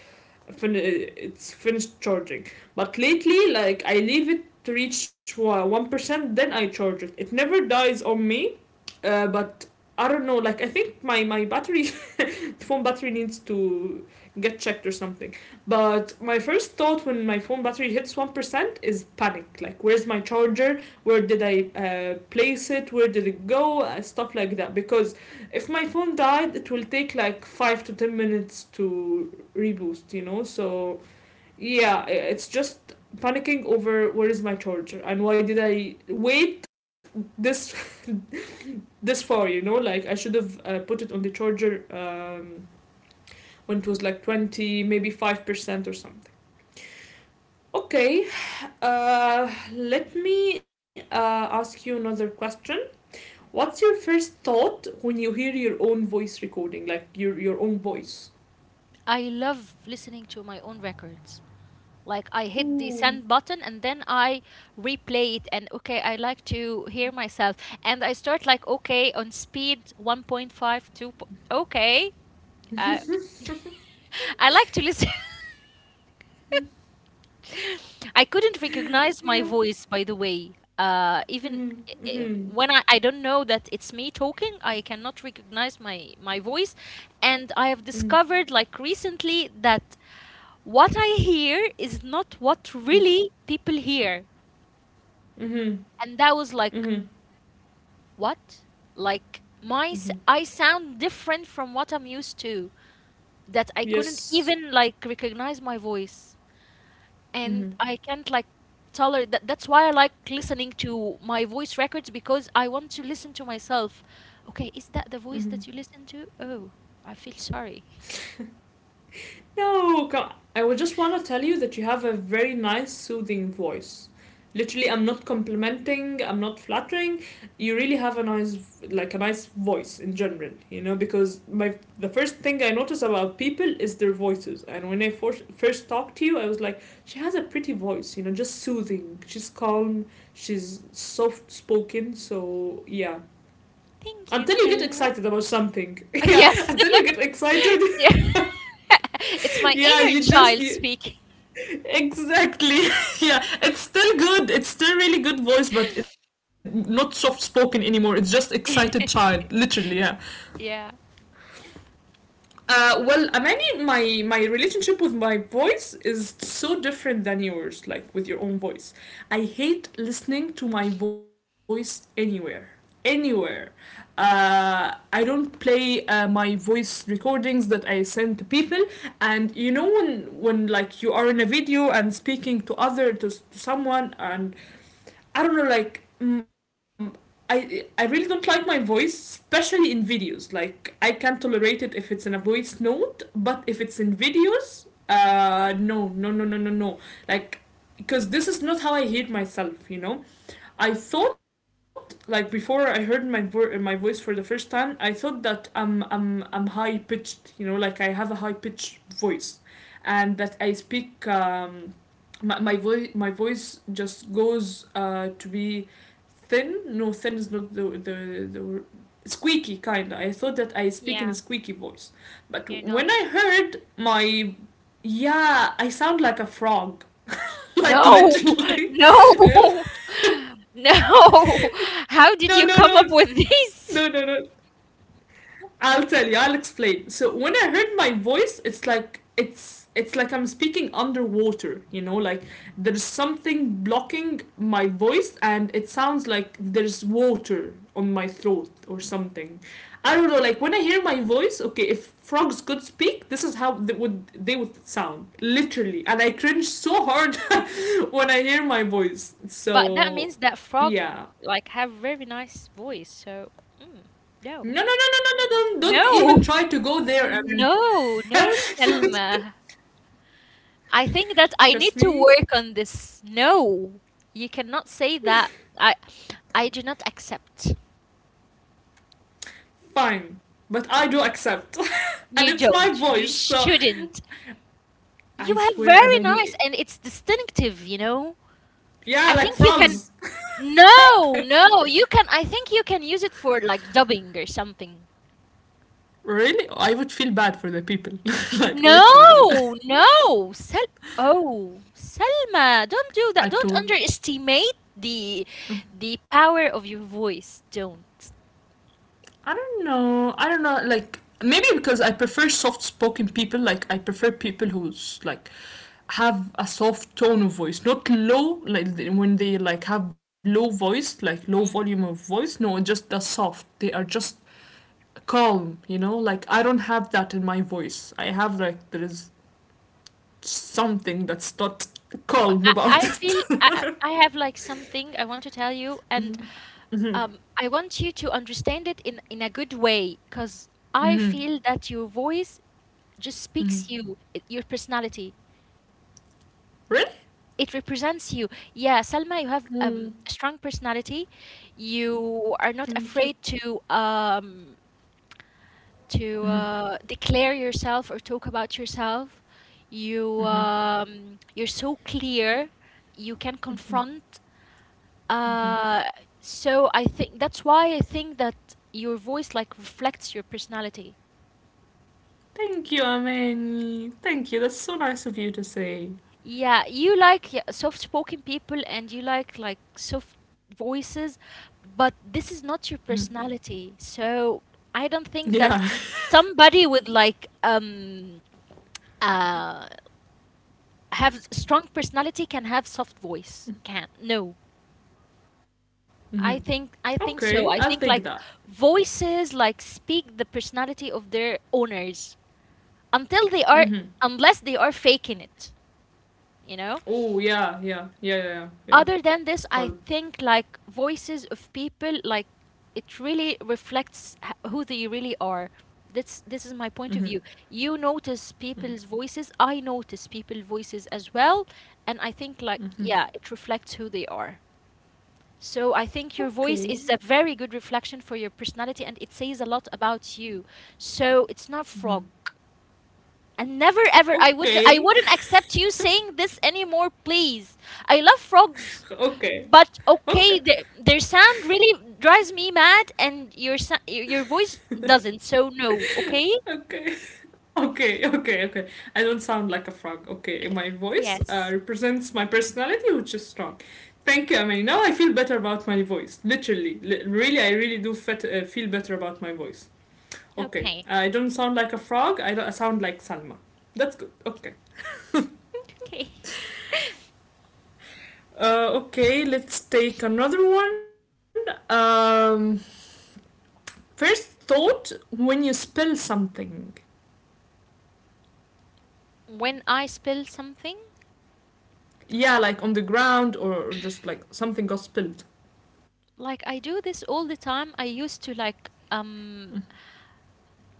Speaker 1: it's finished charging. But lately, like I leave it to reach 1%, then I charge it. It never dies on me, but I don't know. Like I think my my battery *laughs* phone battery needs to get checked or something. But my first thought when my phone battery hits 1% is panic. Like where's my charger? Where did I place it? Where did it go? Stuff like that. Because if my phone died, it will take like 5 to 10 minutes to reboost. So yeah, it's just panicking over where is my charger and why did I wait this this far? Like I should have put it on the charger when it was like 20, maybe 5% or something. Okay, let me ask you another question. What's your first thought when you hear your own voice recording, like your own voice?
Speaker 2: I love listening to my own records. Like, I hit the send
Speaker 1: Ooh.
Speaker 2: button and then I replay it, and okay, I like to hear myself. And I start like, okay, on speed 1.52 okay. Uh, *laughs* I like to listen. *laughs* I couldn't recognize my voice, by the way.
Speaker 1: Mhm.
Speaker 2: Even
Speaker 1: Mhm.
Speaker 2: uh, when I don't know that it's me talking, I cannot recognize my voice. And I have
Speaker 1: Mhm.
Speaker 2: discovered like recently that what I hear is not what really people hear.
Speaker 1: Mhm.
Speaker 2: And that was like,
Speaker 1: Mhm.
Speaker 2: what? Like, my
Speaker 1: Mhm.
Speaker 2: I sound different from what I'm used to. That I couldn't
Speaker 1: Yes.
Speaker 2: even like recognize my voice. And
Speaker 1: Mhm.
Speaker 2: I can't like tolerate that. That's why I like listening to my voice records, because I want to listen to myself. Okay, is that the voice
Speaker 1: Mhm.
Speaker 2: that you listen to? Oh, I feel sorry.
Speaker 1: *laughs* no, co- I would just want to tell you that you have a very nice, soothing voice. Literally, I'm not complimenting. I'm not flattering. You really have a nice, like a nice voice in general. You know, because my the first thing I notice about people is their voices. And when I first talked to you, I was like, she has a pretty voice. You know, just soothing. She's calm. She's soft spoken. So yeah,
Speaker 2: Thank you,
Speaker 1: until you get
Speaker 2: Selma.
Speaker 1: excited about something. *laughs*
Speaker 2: *laughs*
Speaker 1: Yeah,
Speaker 2: Yes.
Speaker 1: until
Speaker 2: *laughs*
Speaker 1: you get excited.
Speaker 2: Yeah.
Speaker 1: *laughs*
Speaker 2: It's my
Speaker 1: Yeah,
Speaker 2: inner child speaking.
Speaker 1: exactly. *laughs* Yeah, it's still good. It's still really good voice, but not soft spoken anymore. It's just excited
Speaker 2: *laughs*
Speaker 1: child literally. Yeah.
Speaker 2: Yeah.
Speaker 1: Well, I mean, my relationship with my voice is so different than yours, like with your own voice. I hate listening to my voice anywhere, anywhere. I don't play my voice recordings that I send to people, and you know when when you are in a video and speaking to to someone and I don't know, like I really don't like my voice, especially in videos. Like I can tolerate it if it's in a voice note, but if it's in videos, no, no, no, no, no, no. Like because this is not how I hear myself, you know. I thought like before I heard my voice for the first time, I thought that I'm high pitched, you know, like I have a high pitched voice, and that I speak my voice just goes to be thin. No, thin is not the squeaky kind. I thought that I speak in a
Speaker 2: Yeah,
Speaker 1: squeaky voice, but
Speaker 2: you're
Speaker 1: when I
Speaker 2: not.
Speaker 1: heard my, yeah, I sound like a frog. *laughs* Like
Speaker 2: No, *laughs*
Speaker 1: literally.
Speaker 2: no,
Speaker 1: *laughs*
Speaker 2: no.
Speaker 1: No, no, no,
Speaker 2: How did you come up with
Speaker 1: no, no, no.
Speaker 2: this?
Speaker 1: I'll tell you. I'll explain. So when I heard my voice, it's like it's like I'm speaking underwater. You know, like there's something blocking my voice, and it sounds like there's water on my throat or something. I don't know. Like when I hear my voice, okay, if frogs could speak, this is how they would sound literally. And I cringe so hard *laughs* when I hear my voice.
Speaker 2: But that
Speaker 1: So
Speaker 2: means that frog
Speaker 1: yeah,
Speaker 2: like have very nice voice. So, mm, no.
Speaker 1: no, no, no, no, no, no, don't
Speaker 2: No.
Speaker 1: even try to go there. I mean,
Speaker 2: No, no, Selma. I think that
Speaker 1: *laughs*
Speaker 2: I
Speaker 1: trust
Speaker 2: need to
Speaker 1: me,
Speaker 2: work on this. No. You cannot say that. I I do not accept.
Speaker 1: fine. But I do accept. *laughs* And
Speaker 2: You
Speaker 1: it's my
Speaker 2: don't.
Speaker 1: voice,
Speaker 2: You
Speaker 1: so
Speaker 2: shouldn't.
Speaker 1: I
Speaker 2: You have
Speaker 1: swear,
Speaker 2: very nice
Speaker 1: Amani.
Speaker 2: and it's distinctive, you know? I think
Speaker 1: Yeah,
Speaker 2: you
Speaker 1: like
Speaker 2: can
Speaker 1: frogs.
Speaker 2: No, no,
Speaker 1: *laughs*
Speaker 2: you can. I think you can use it for like dubbing or something.
Speaker 1: Really? I would feel bad for the people. *laughs* Like,
Speaker 2: No,
Speaker 1: literally. Like,
Speaker 2: no, Sel. Oh, Selma, don't do that.
Speaker 1: I
Speaker 2: Don't
Speaker 1: told.
Speaker 2: underestimate the power of your voice. Don't.
Speaker 1: I don't know. I don't know. Like, maybe because I prefer soft spoken people. Like, I prefer people who's like have a soft tone of voice, not low. Like when they like have low voice, like low volume
Speaker 2: Mm.
Speaker 1: of voice, no, just the soft, they are just calm, you know. Like I don't have that in my voice. I have like there is something that's not
Speaker 2: But
Speaker 1: calm about
Speaker 2: I
Speaker 1: it.
Speaker 2: feel I I have like something I want to tell you, and
Speaker 1: *laughs* Mm-hmm.
Speaker 2: I want you to understand it in a good way, because I
Speaker 1: Mm-hmm.
Speaker 2: feel that your voice just
Speaker 1: Mm-hmm.
Speaker 2: speaks you, your personality.
Speaker 1: Really.
Speaker 2: It represents you. Yeah, Salma, you have
Speaker 1: Mm.
Speaker 2: a strong personality. You are
Speaker 1: Thank
Speaker 2: not
Speaker 1: you.
Speaker 2: afraid to
Speaker 1: Mm-hmm.
Speaker 2: declare yourself or talk about yourself. You
Speaker 1: Mm-hmm.
Speaker 2: you're so clear. You can confront. Uh, so I think that's why I think that your voice like reflects your personality.
Speaker 1: Thank you, Amani. Thank you. That's so nice of you to say.
Speaker 2: Yeah, you like, yeah, soft-spoken people, and you like soft voices, but this is not your personality. So I don't think
Speaker 1: Yeah.
Speaker 2: that somebody with like uh have strong personality can have soft voice. Can no.
Speaker 1: Mm-hmm.
Speaker 2: I
Speaker 1: Okay,
Speaker 2: think
Speaker 1: I'll
Speaker 2: so. I
Speaker 1: take that.
Speaker 2: think like voices like speak the personality of their owners until they are
Speaker 1: Mm-hmm.
Speaker 2: unless they are faking it, you know?
Speaker 1: Oh yeah, yeah, yeah, yeah, yeah. Ja.
Speaker 2: Other than this, I
Speaker 1: Voll.
Speaker 2: think like voices of people like it really reflects who they really are. This is my point
Speaker 1: Mhm.
Speaker 2: of view. You notice
Speaker 1: Mhm.
Speaker 2: people's voices, I notice people's voices as well, and I think like, yeah, it reflects who they are. So I think your voice
Speaker 1: Okay.
Speaker 2: is a very good reflection for your personality, and it says a lot about you. So it's not frog, and never ever I would I
Speaker 1: Okay.
Speaker 2: wouldn't accept you saying this anymore, please. I love frogs,
Speaker 1: *laughs* Okay.
Speaker 2: but okay,
Speaker 1: Okay.
Speaker 2: the, their sound really drives me mad, and your your voice doesn't. So no, okay?
Speaker 1: Okay. *laughs* Okay. Okay. Okay. I don't sound like a frog. Okay. My voice
Speaker 2: Yes.
Speaker 1: represents my personality, which is strong. Thank you. I mean, now I feel better about my voice. Literally, really, I really do feel better about my voice. Okay.
Speaker 2: Okay.
Speaker 1: I don't sound like a frog. I, don't, I sound like Salma. That's good. Okay.
Speaker 2: Okay. *laughs*
Speaker 1: Okay. Let's take another one. Um. First thought when you spill something.
Speaker 2: When I spill something,
Speaker 1: Yeah, like on the ground or just like something got spilled.
Speaker 2: like I do this all the time, I used to like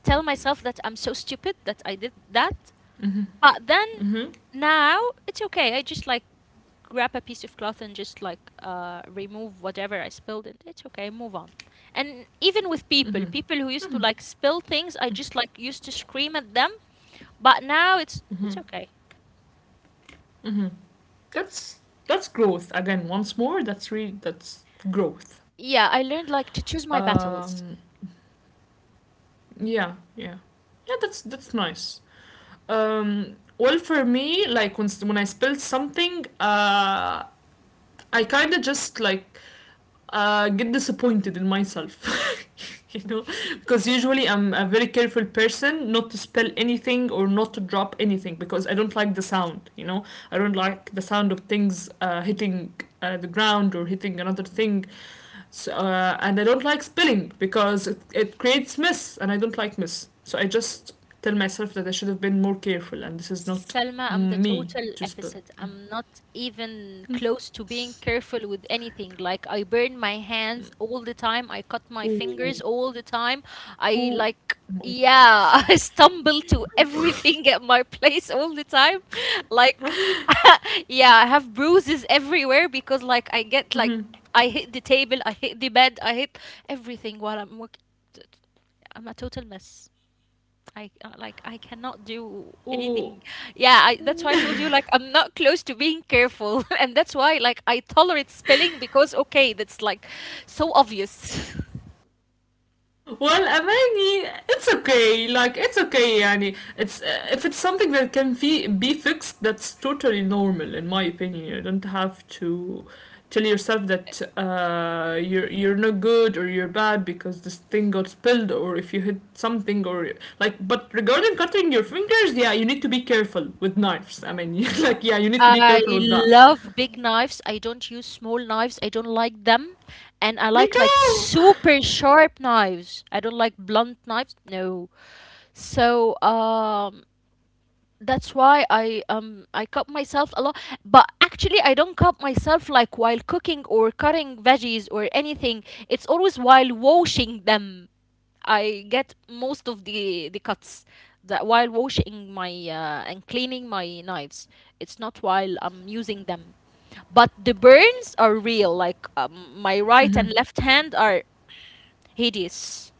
Speaker 2: tell myself that I'm so stupid that I did that.
Speaker 1: Mm-hmm.
Speaker 2: But then
Speaker 1: Mm-hmm.
Speaker 2: now it's okay. I just like grab a piece of cloth and just like remove whatever I spilled, and it's okay, move on. And even
Speaker 1: Mm-hmm.
Speaker 2: with people, people who used to like spill things, I just like used to scream at them, but now
Speaker 1: Mm-hmm.
Speaker 2: it's okay.
Speaker 1: Mm-hmm. That's that's growth again. Once more, that's really that's growth.
Speaker 2: Yeah, I learned like to choose my
Speaker 1: Um,
Speaker 2: battles.
Speaker 1: yeah, yeah, yeah. That's nice. Well, for me, like when I spilled something, I kind of just like get disappointed in myself. *laughs* You know, because usually I'm a very careful person not to spill anything or not to drop anything, because I don't like the sound, you know. I don't like the sound of things hitting the ground or hitting another thing. And I don't like spilling because it creates mess and I don't like mess. So I just tell myself that I should have been more careful and this is not
Speaker 2: Salma, I'm the
Speaker 1: me
Speaker 2: total
Speaker 1: to spill.
Speaker 2: opposite.
Speaker 1: Yeah.
Speaker 2: I'm not even close to being careful with anything. Like, I burn my hands all the time. I cut my
Speaker 1: Ooh.
Speaker 2: fingers all the time.
Speaker 1: Ooh,
Speaker 2: I
Speaker 1: oh
Speaker 2: like,
Speaker 1: my.
Speaker 2: yeah, *laughs* I stumble to everything at my place all the time. *laughs* Like *laughs* yeah, I have bruises everywhere because like I get like I hit the table, I hit the bed, I hit everything while I'm working. I'm a total mess. I like I cannot do anything.
Speaker 1: Ooh.
Speaker 2: Yeah, that's why I told you like I'm not close to being careful, *laughs* and that's why like I tolerate spelling because, okay, that's like so obvious. *laughs*
Speaker 1: Well, والاغاني it's okay. Like it's okay يعني. It's if it's something that can be fixed, that's totally normal in my opinion. You don't have to tell yourself that you're not good or you're bad because this thing got spilled or if you hit something or like. But regarding cutting your fingers, yeah, you need to be careful with knives, I mean. *laughs* Like yeah, you need to be
Speaker 2: I
Speaker 1: careful with that.
Speaker 2: love big knives. I don't use small knives. I don't like them,
Speaker 1: Me
Speaker 2: and I like
Speaker 1: too.
Speaker 2: super sharp knives. I don't like blunt knives. No. So that's why I cut myself a lot, but actually I don't cut myself like while cooking or cutting veggies or anything. It's always while washing them. I get most of the cuts that while washing my and cleaning my knives. It's not while I'm using them. But the burns are real. Like my right and left hand are hideous.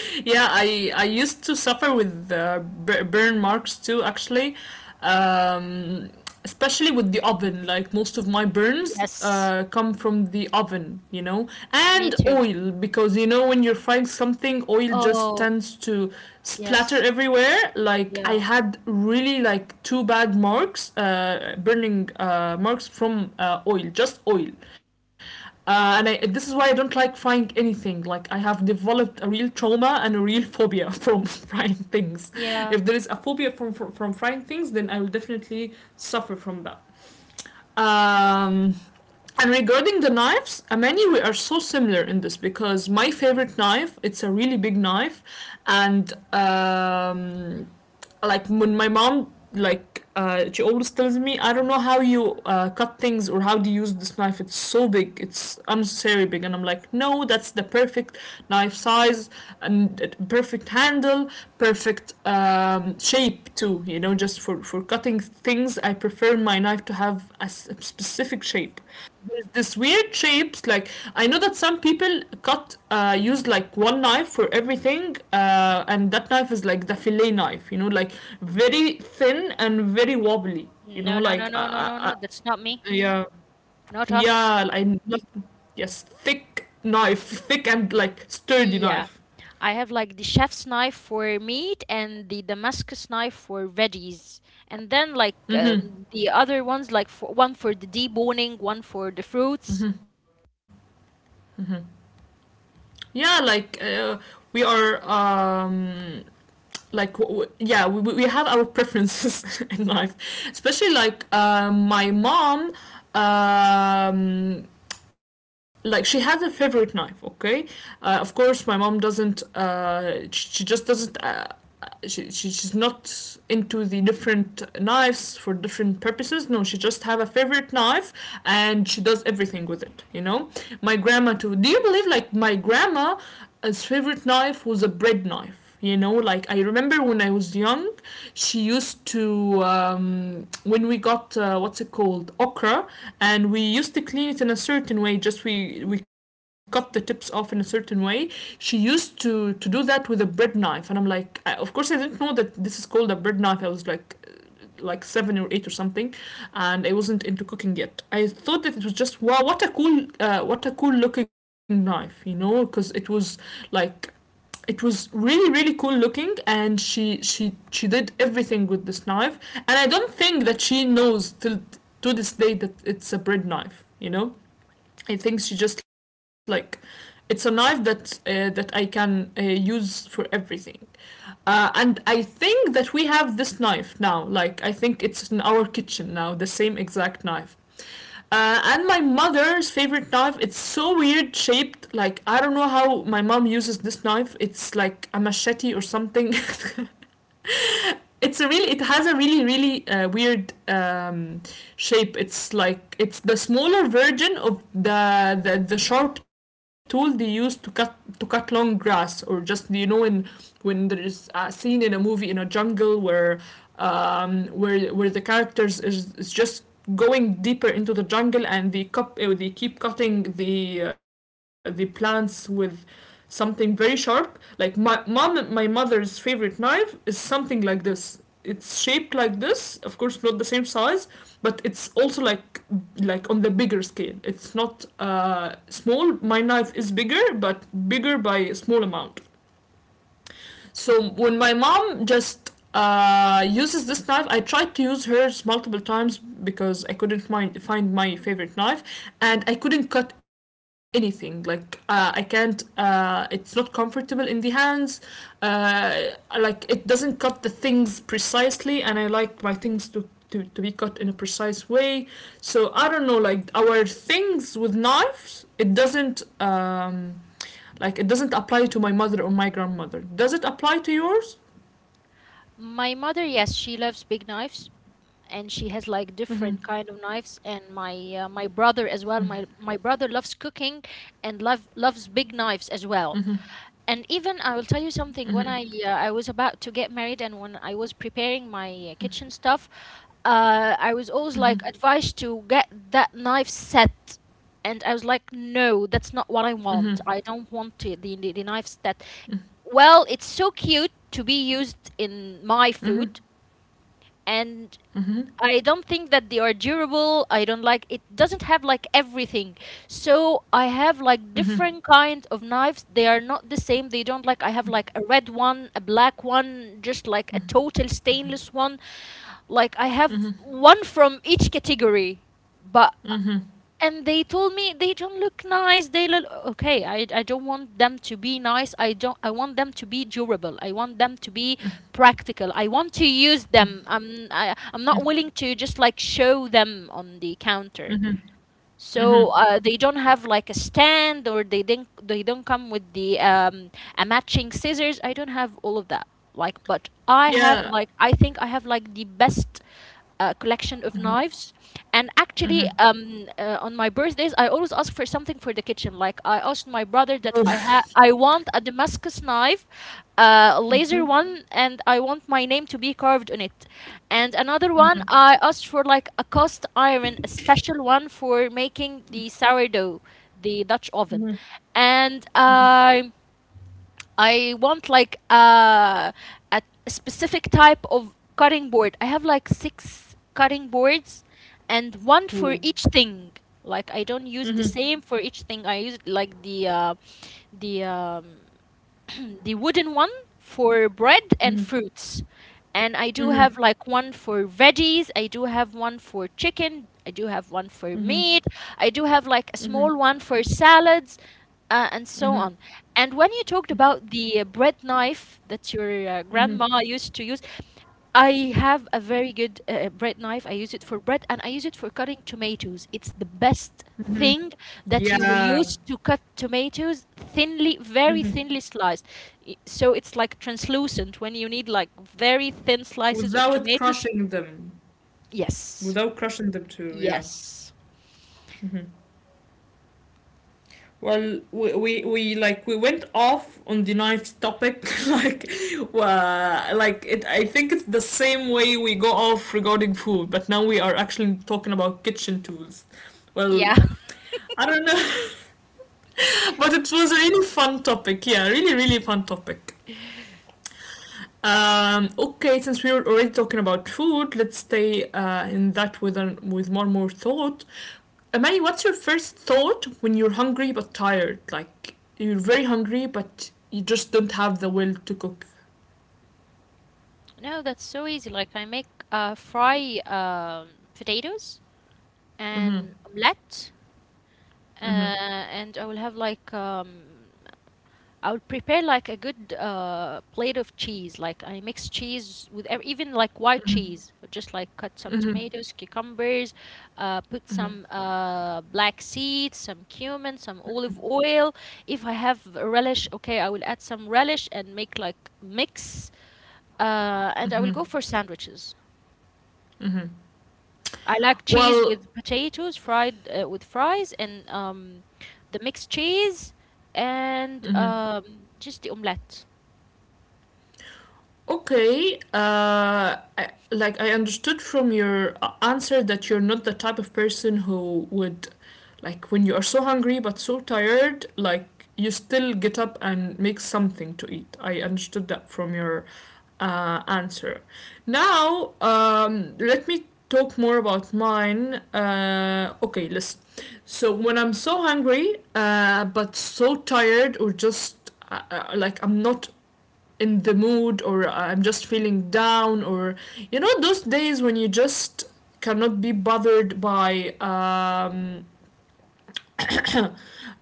Speaker 1: Yeah, I used to suffer with burn marks too, actually. Um, especially with the oven, like most of my burns
Speaker 2: Yes,
Speaker 1: come from the oven, you know,
Speaker 2: me
Speaker 1: and
Speaker 2: too.
Speaker 1: oil, because you know when you're frying something, oil just
Speaker 2: Oh,
Speaker 1: tends to splatter
Speaker 2: yes.
Speaker 1: everywhere. Like I
Speaker 2: Yeah.
Speaker 1: had really like two bad marks, burning marks from oil, just oil. This is why I don't like frying anything. Like I have developed a real trauma and a real phobia from *laughs* frying things. If
Speaker 2: Yeah.
Speaker 1: there is a phobia from frying things, then I will definitely suffer from that. Um, and regarding the knives, Amani, we are so similar in this, because my favorite knife, it's a really big knife, and like when my mom like she always tells me I don't know how you cut things or how do you use this knife. It's so big. It's unnecessary big, and I'm like, no, that's the perfect knife size and perfect handle, perfect shape too. You know, just for cutting things, I prefer my knife to have a specific shape. There's this weird shapes like I know that some people cut use like one knife for everything, and that knife is like the fillet knife, you know, like very thin and very wobbly, you know,
Speaker 2: No, no,
Speaker 1: like
Speaker 2: no, no, no, no, no. That's not me.
Speaker 1: yeah,
Speaker 2: Not us.
Speaker 1: yeah I yes, thick knife, thick and like sturdy
Speaker 2: Yeah.
Speaker 1: knife.
Speaker 2: I have like the chef's knife for meat and the Damascus knife for veggies. And then like the other ones, like for, one for the deboning, one for the fruits.
Speaker 1: Yeah, like we are like yeah, we have our preferences *laughs* in life, especially like my mom, um, like she has a favorite knife, okay. Of course, my mom doesn't just doesn't she's not into the different knives for different purposes. No, she just have a favorite knife and she does everything with it, you know. My grandma too. Do you believe like my grandma's favorite knife was a bread knife? You know, like I remember when I was young, she used to when we got what's it called, okra, and we used to clean it in a certain way, just we cut the tips off in a certain way. She used to do that with a bread knife, and I'm like, of course I didn't know that this is called a bread knife. I was like seven or eight or something, and I wasn't into cooking yet. I thought that it was just wow, what a cool looking knife, you know, because it was like it was really really cool looking, and she did everything with this knife. And I don't think that she knows till to this day that it's a bread knife, you know. I think she just it's a knife that that I can use for everything. And I think that we have this knife now. Like, I think it's in our kitchen now, the same exact knife. And my mother's favorite knife, it's so weird shaped. Like, I don't know how my mom uses this knife. It's like a machete or something. *laughs* It's a really it has a really really weird shape. It's like it's the smaller version of the sharp tool they use to cut long grass, or just you know, in when there's a scene in a movie in a jungle where where the characters is just going deeper into the jungle, and they cup they keep cutting the plants with something very sharp. Like my mother's favorite knife is something like this. It's shaped like this. Of course, not the same size, but it's also like on the bigger scale. It's not small. My knife is bigger, but bigger by a small amount. So when my mom just uses this knife, I tried to use hers multiple times because I couldn't find my favorite knife, and I couldn't cut anything. Like I can't. It's not comfortable in the hands. Uh, like it doesn't cut the things precisely, and I like my things to be cut in a precise way. So I don't know, like our things with knives, it doesn't like it doesn't apply to my mother or my grandmother. Does it apply to yours?
Speaker 2: My mother, yes, she loves big knives, and she has like
Speaker 1: Mm-hmm.
Speaker 2: different kind of knives, and my my brother as well. My brother loves cooking and loves big knives
Speaker 1: Mm-hmm.
Speaker 2: as well. And even I will tell you
Speaker 1: Mm-hmm.
Speaker 2: something. When I was about to get married, and when I was preparing my kitchen stuff, I was always
Speaker 1: Mm-hmm.
Speaker 2: like advised to get that knife set, and I was like, no, that's
Speaker 1: Mm-hmm.
Speaker 2: not what I want. I don't want to, the knife set. Well, it's so cute to be used in my
Speaker 1: Mm-hmm.
Speaker 2: food, and
Speaker 1: Mm-hmm.
Speaker 2: I don't think that they are durable. I don't like it doesn't have like everything. So I have like
Speaker 1: Mm-hmm. Mm-hmm.
Speaker 2: different kind of knives. They are not the same. They don't I have like a red one, a black one, just like a total stainless one. Like I have one from each category. But
Speaker 1: Mm-hmm.
Speaker 2: and they told me they don't look nice, they look okay. I don't want them to be nice, I don't, I want them to be durable, I want them to be practical, I want to use them. I'm not willing to just like show them on the counter.
Speaker 1: Mm-hmm.
Speaker 2: So
Speaker 1: Mm-hmm.
Speaker 2: they don't have like a stand, or they don't come with the a matching scissors. I don't have all of that. Like, but I have
Speaker 1: Yeah.
Speaker 2: like I think I have like the best collection of knives. And actually,
Speaker 1: Mm-hmm.
Speaker 2: on my birthdays, I always ask for something for the kitchen. Like I asked my brother that I want a Damascus knife, a laser
Speaker 1: Mm-hmm.
Speaker 2: one, and I want my name to be carved on it. And another one
Speaker 1: Mm-hmm.
Speaker 2: I asked for like a cast iron, a special one for making the sourdough, the Dutch oven.
Speaker 1: Mm-hmm. Mm-hmm.
Speaker 2: And
Speaker 1: Mm-hmm.
Speaker 2: I want like a specific type of cutting board. I have like six cutting boards and one for
Speaker 1: Mm-hmm.
Speaker 2: each thing. Like I don't use the
Speaker 1: Mm-hmm.
Speaker 2: same for each thing. I use like the *clears throat* the wooden one for bread and fruits. And I do have like one for veggies, I do have one for chicken, I do have one for meat, I do have like a small one for salads, and so on. And when you talked about the bread knife that your grandma used to use, I have a very good bread knife. I use it for bread and I use it for cutting tomatoes. It's the best
Speaker 1: Mm-hmm. Mm-hmm.
Speaker 2: thing that you will
Speaker 1: Yeah.
Speaker 2: use to cut tomatoes thinly, very
Speaker 1: Mm-hmm.
Speaker 2: thinly sliced. So it's like translucent when you need like very thin slices of
Speaker 1: Without
Speaker 2: tomatoes.
Speaker 1: crushing them.
Speaker 2: Yes.
Speaker 1: Without crushing them too, yeah.
Speaker 2: Yes.
Speaker 1: Hmm. Well, we like we went off on the knife topic *laughs* like it I think it's the same way we go off regarding food, but now we are actually talking about kitchen tools. Well,
Speaker 2: Yeah. *laughs*
Speaker 1: I don't know. *laughs* But it was a really fun topic. Yeah, really really fun topic. Okay, since we were already talking about food, let's stay in that with with more thought. Amani, what's your first thought when you're hungry but tired? Like you're very hungry but you just don't have the will to cook.
Speaker 2: No, that's so easy. Like I make fry potatoes
Speaker 1: Mm-hmm.
Speaker 2: and omelette, uh,
Speaker 1: Mm-hmm.
Speaker 2: and I will have like I would prepare like a good plate of cheese. Like I mix cheese with even like white
Speaker 1: Mm-hmm.
Speaker 2: cheese. Just like cut some
Speaker 1: Mm-hmm.
Speaker 2: tomatoes, cucumbers, put
Speaker 1: Mm-hmm.
Speaker 2: some black seeds, some cumin, some olive oil. If I have a relish, okay, I will add some relish and make like mix. And I will go for sandwiches. I like cheese
Speaker 1: Well,
Speaker 2: with potatoes, fried with fries, and the mixed cheese, and just the omelette.
Speaker 1: okay, like I understood from your answer that you're not the type of person who would, like, when you are so hungry but so tired, like, you still get up and make something to eat. I understood that from your answer. Now, let me talk more about mine. Okay, listen. So, when I'm so hungry but so tired, or just like I'm not in the mood, or I'm just feeling down, or you know those days when you just cannot be bothered by um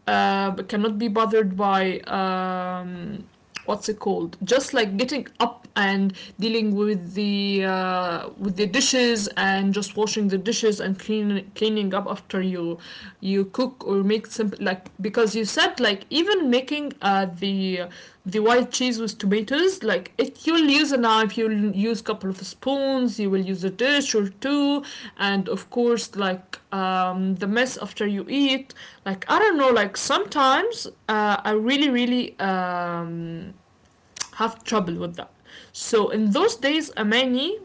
Speaker 1: uh cannot be bothered by what's it called, just like getting up and dealing with the dishes, and just washing the dishes and cleaning up after you you cook or make some like, because you said like even making the white cheese with tomatoes like it, you'll use a knife, you'll use a couple of spoons, you will use a dish or two. And of course like the mess after you eat. Like I don't know, like sometimes I really really um, have trouble with that. So in those days, Amani,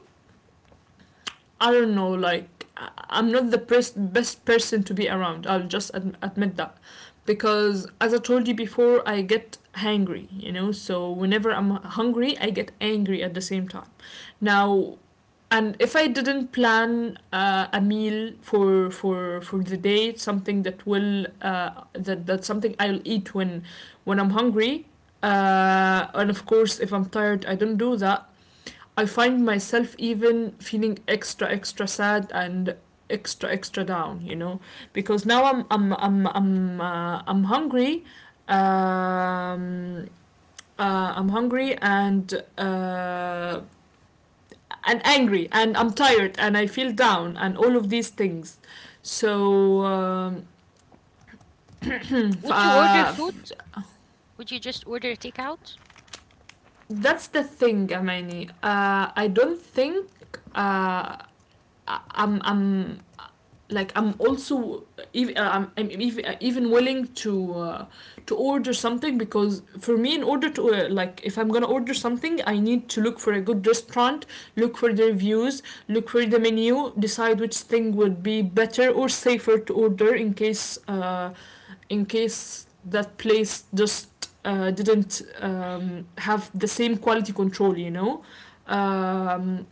Speaker 1: I don't know, like am not the best person to be around. I'll just admit that, because as I told you before, I get hangry, you know. So whenever I'm hungry, I get angry at the same time. Now, and if I didn't plan a meal for the day, something that will that's something I'll eat when I'm hungry. And of course, if I'm tired, I don't do that. I find myself even feeling extra extra sad and extra extra down, you know, because now I'm hungry. Um, I'm hungry and angry, and I'm tired, and I feel down, and all of these things. So f-
Speaker 2: Would you order
Speaker 1: uh,
Speaker 2: food?
Speaker 1: f-
Speaker 2: Would you just order takeout?
Speaker 1: that's the thing, Amani. I don't think uh, I'm like I'm also even I'm even even willing to order something, because for me in order to like if I'm gonna order something, I need to look for a good restaurant, look for the reviews, look for the menu, decide which thing would be better or safer to order, in case that place just didn't have the same quality control, you know. um,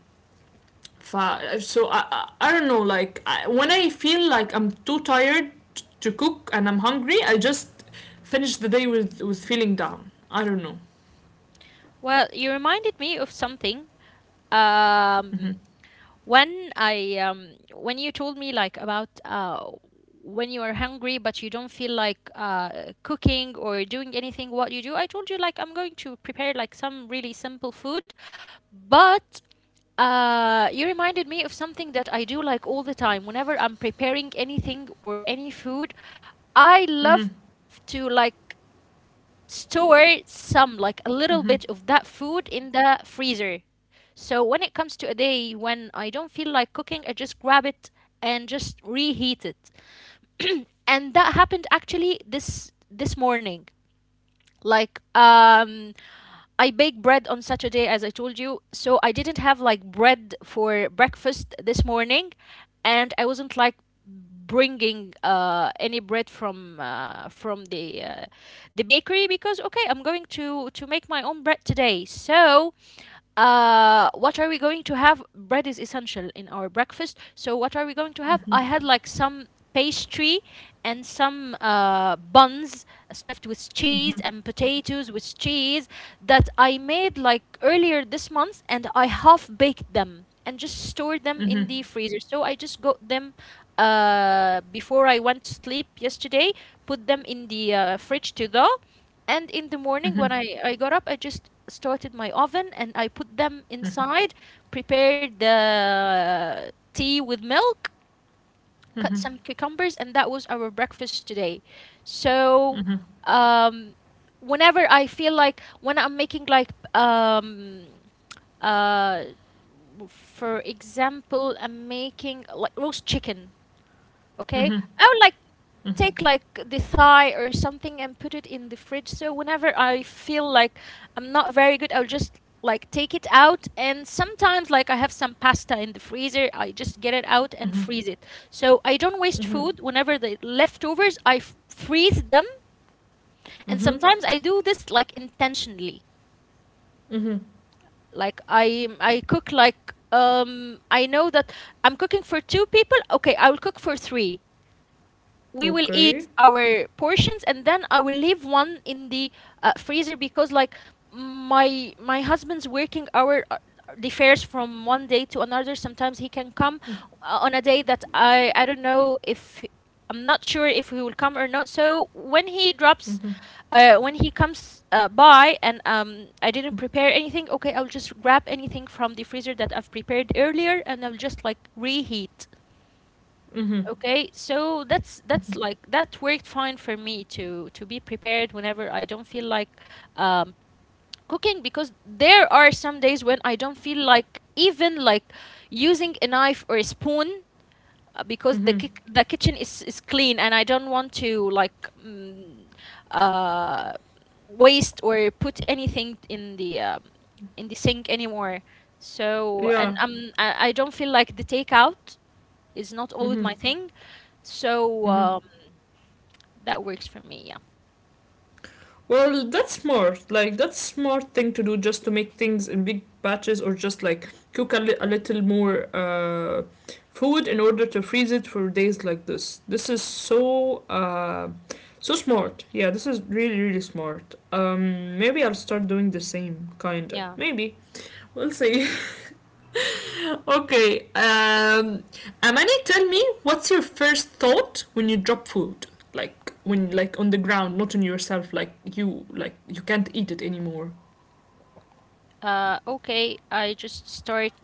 Speaker 1: So I don't know, like I, when I feel like I'm too tired to cook and I'm hungry, I just finish the day with feeling down. I don't know.
Speaker 2: Well, you reminded me of something. Um, when I when you told me like about when you are hungry but you don't feel like cooking or doing anything, what you do? I told you like I'm going to prepare like some really simple food, but you reminded me of something that I do like all the time. Whenever I'm preparing anything or any food, I love to like store some like a little bit of that food in the freezer. So when it comes to a day when I don't feel like cooking, I just grab it and just reheat it. And that happened actually this morning. Like, I bake bread on Saturday, as I told you. So I didn't have like bread for breakfast this morning, and I wasn't like bringing any bread from the bakery because okay, I'm going to make my own bread today. So what are we going to have? Bread is essential in our breakfast. So what are we going to have? I had like some pastry and some buns stuffed with cheese and potatoes with cheese that I made like earlier this month, and I half baked them and just stored them in
Speaker 1: Mhm.
Speaker 2: the freezer. So I just got them before I went to sleep yesterday, put them in the fridge to thaw, and in the morning, when
Speaker 1: Mhm.
Speaker 2: I got up, I just started my oven and I put them inside, prepared the tea with milk, cut
Speaker 1: Mhm.
Speaker 2: some cucumbers, and that was our breakfast today. So,
Speaker 1: Mhm.
Speaker 2: um, whenever I feel like when I'm making like uh, for example, I'm making like roast chicken,
Speaker 1: Mhm.
Speaker 2: okay,
Speaker 1: Mhm.
Speaker 2: I would like take like the thigh or something and put it in the fridge. So whenever I feel like I'm not very good, I'll just like take it out. And sometimes like I have some pasta in the freezer, I just get it out and
Speaker 1: Mhm.
Speaker 2: freeze it. So I don't waste
Speaker 1: Mhm.
Speaker 2: food. Whenever the leftovers, freeze them. And
Speaker 1: Mhm.
Speaker 2: sometimes I do this like intentionally.
Speaker 1: Mhm.
Speaker 2: Like I cook like I know that I'm cooking for two people, okay, I will cook for three. We will eat
Speaker 1: Okay.
Speaker 2: our portions and then I will leave one in the freezer, because like my husband's working hour differs from one day to another. Sometimes he can come on a day that I don't know if I'm not sure if he will come or not. So when he drops
Speaker 1: Mhm.
Speaker 2: when he comes by, and I didn't
Speaker 1: Mhm.
Speaker 2: prepare anything, okay, I'll just grab anything from the freezer that I've prepared earlier and I'll just like reheat.
Speaker 1: Mhm.
Speaker 2: Okay, so that's like that worked fine for me to be prepared whenever I don't feel like um, cooking, because there are some days when I don't feel like even like using a knife or a spoon, because the
Speaker 1: Mhm.
Speaker 2: the kitchen is clean and I don't want to like uh, waste or put anything in the sink anymore. So and
Speaker 1: Yeah.
Speaker 2: I don't feel like the takeout is not always
Speaker 1: Mm-hmm.
Speaker 2: my thing. So
Speaker 1: Mm-hmm.
Speaker 2: that works for me. Yeah.
Speaker 1: Well, that's smart. Like that's smart thing to do, just to make things in big batches, or just like cook a little more food in order to freeze it for days like this. This is so so smart. Yeah, this is really really smart. Maybe I'll start doing the same kinda.
Speaker 2: Yeah.
Speaker 1: Maybe we'll see. *laughs* Okay. Amani, tell me, what's your first thought when you drop food? Like when, like on the ground, not on yourself. Like you can't eat it anymore.
Speaker 2: Okay. I just start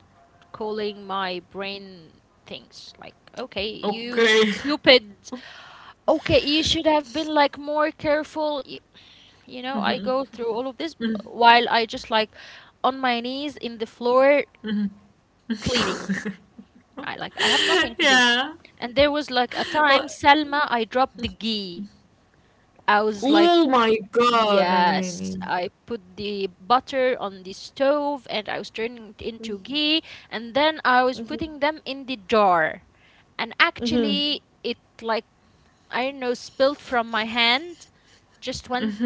Speaker 2: calling my brain things like, okay, you
Speaker 1: Okay.
Speaker 2: stupid. Okay, you should have been like more careful. You know, I go through all of this while I just like on my knees in the floor cleaning. I like I have
Speaker 1: *laughs*
Speaker 2: nothing to do.
Speaker 1: Yeah.
Speaker 2: And there was like a time,
Speaker 1: But,
Speaker 2: Selma, I dropped the ghee. I was like,
Speaker 1: oh my God, Amani.
Speaker 2: yes, I put the butter on the stove and I was turning it into ghee, and then I was putting them in the jar. And actually it like I don't know spilled from my hand, just went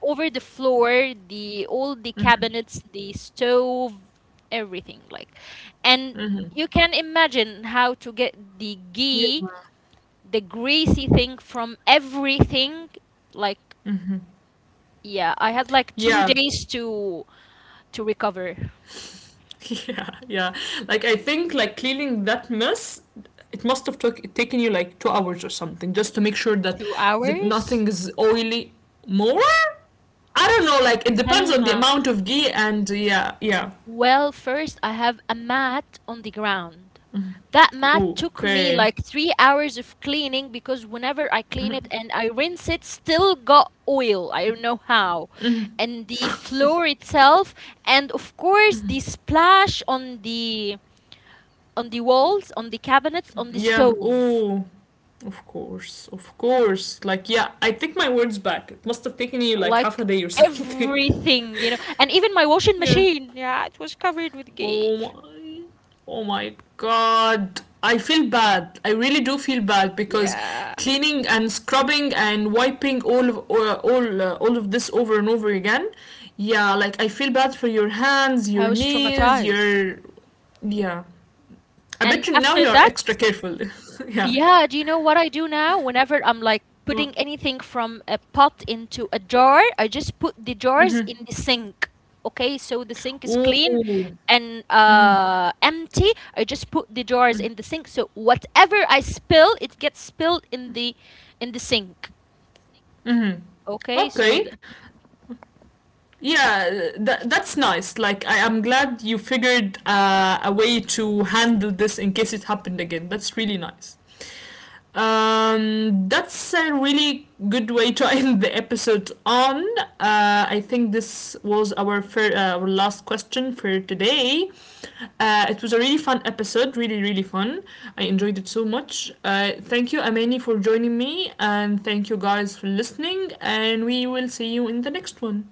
Speaker 2: over the floor, the all the cabinets, the stove, everything like. And
Speaker 1: Mhm.
Speaker 2: you can imagine how to get the
Speaker 1: Yeah.
Speaker 2: ghee, the greasy thing from everything. Like, yeah, I had like two
Speaker 1: Yeah. *laughs*
Speaker 2: days to recover.
Speaker 1: Yeah. Yeah. Like I think, like cleaning that mess, it must have taken you like 2 hours or something, just to make sure that,
Speaker 2: Two
Speaker 1: that
Speaker 2: hours?
Speaker 1: nothing is oily more. I
Speaker 2: Oh,
Speaker 1: don't know, like it depends on the
Speaker 2: Selma.
Speaker 1: amount of ghee and yeah, yeah.
Speaker 2: Well, first I have a mat on the ground. That mat
Speaker 1: Ooh,
Speaker 2: took me
Speaker 1: okay.
Speaker 2: like 3 hours of cleaning, because whenever I clean it and I rinse it, still got oil. I don't know how. And the floor itself, and of course the splash on the walls, on the cabinets, on the
Speaker 1: Yeah,
Speaker 2: stove.
Speaker 1: ooh. Of course, of course. Like yeah, I take my words back. It must have taken you like half
Speaker 2: Like
Speaker 1: a day or something.
Speaker 2: everything, you know, and even my washing
Speaker 1: *laughs* Yeah.
Speaker 2: machine. Yeah, it was covered with ghee.
Speaker 1: Oh my Oh my god. I feel bad. I really do feel bad because
Speaker 2: Yeah,
Speaker 1: cleaning and scrubbing and wiping all of this over and over again. Yeah, like I feel bad for your hands,
Speaker 2: I
Speaker 1: your
Speaker 2: was
Speaker 1: knees,
Speaker 2: traumatized.
Speaker 1: your yeah. I
Speaker 2: And
Speaker 1: bet you now
Speaker 2: after
Speaker 1: you're
Speaker 2: that,
Speaker 1: extra careful. *laughs* Yeah.
Speaker 2: yeah, do you know what I do now? Whenever I'm like
Speaker 1: Wha-
Speaker 2: putting anything from a pot into a jar, I just put the jars in the sink. Okay, so the sink is clean
Speaker 1: Ooh.
Speaker 2: and empty. I just put the jars in the sink. So whatever I spill, it gets spilled in the sink. Okay, so
Speaker 1: Okay.
Speaker 2: th-
Speaker 1: Yeah, that's nice. Like, I am glad you figured a way to handle this in case it happened again. That's really nice. That's a really good way to *laughs* end the episode on. I think this was our, our last question for today. It was a really fun episode, really, really fun. I enjoyed it so much. Thank you, Amani, for joining me, and thank you guys for listening, and we will see you in the next one.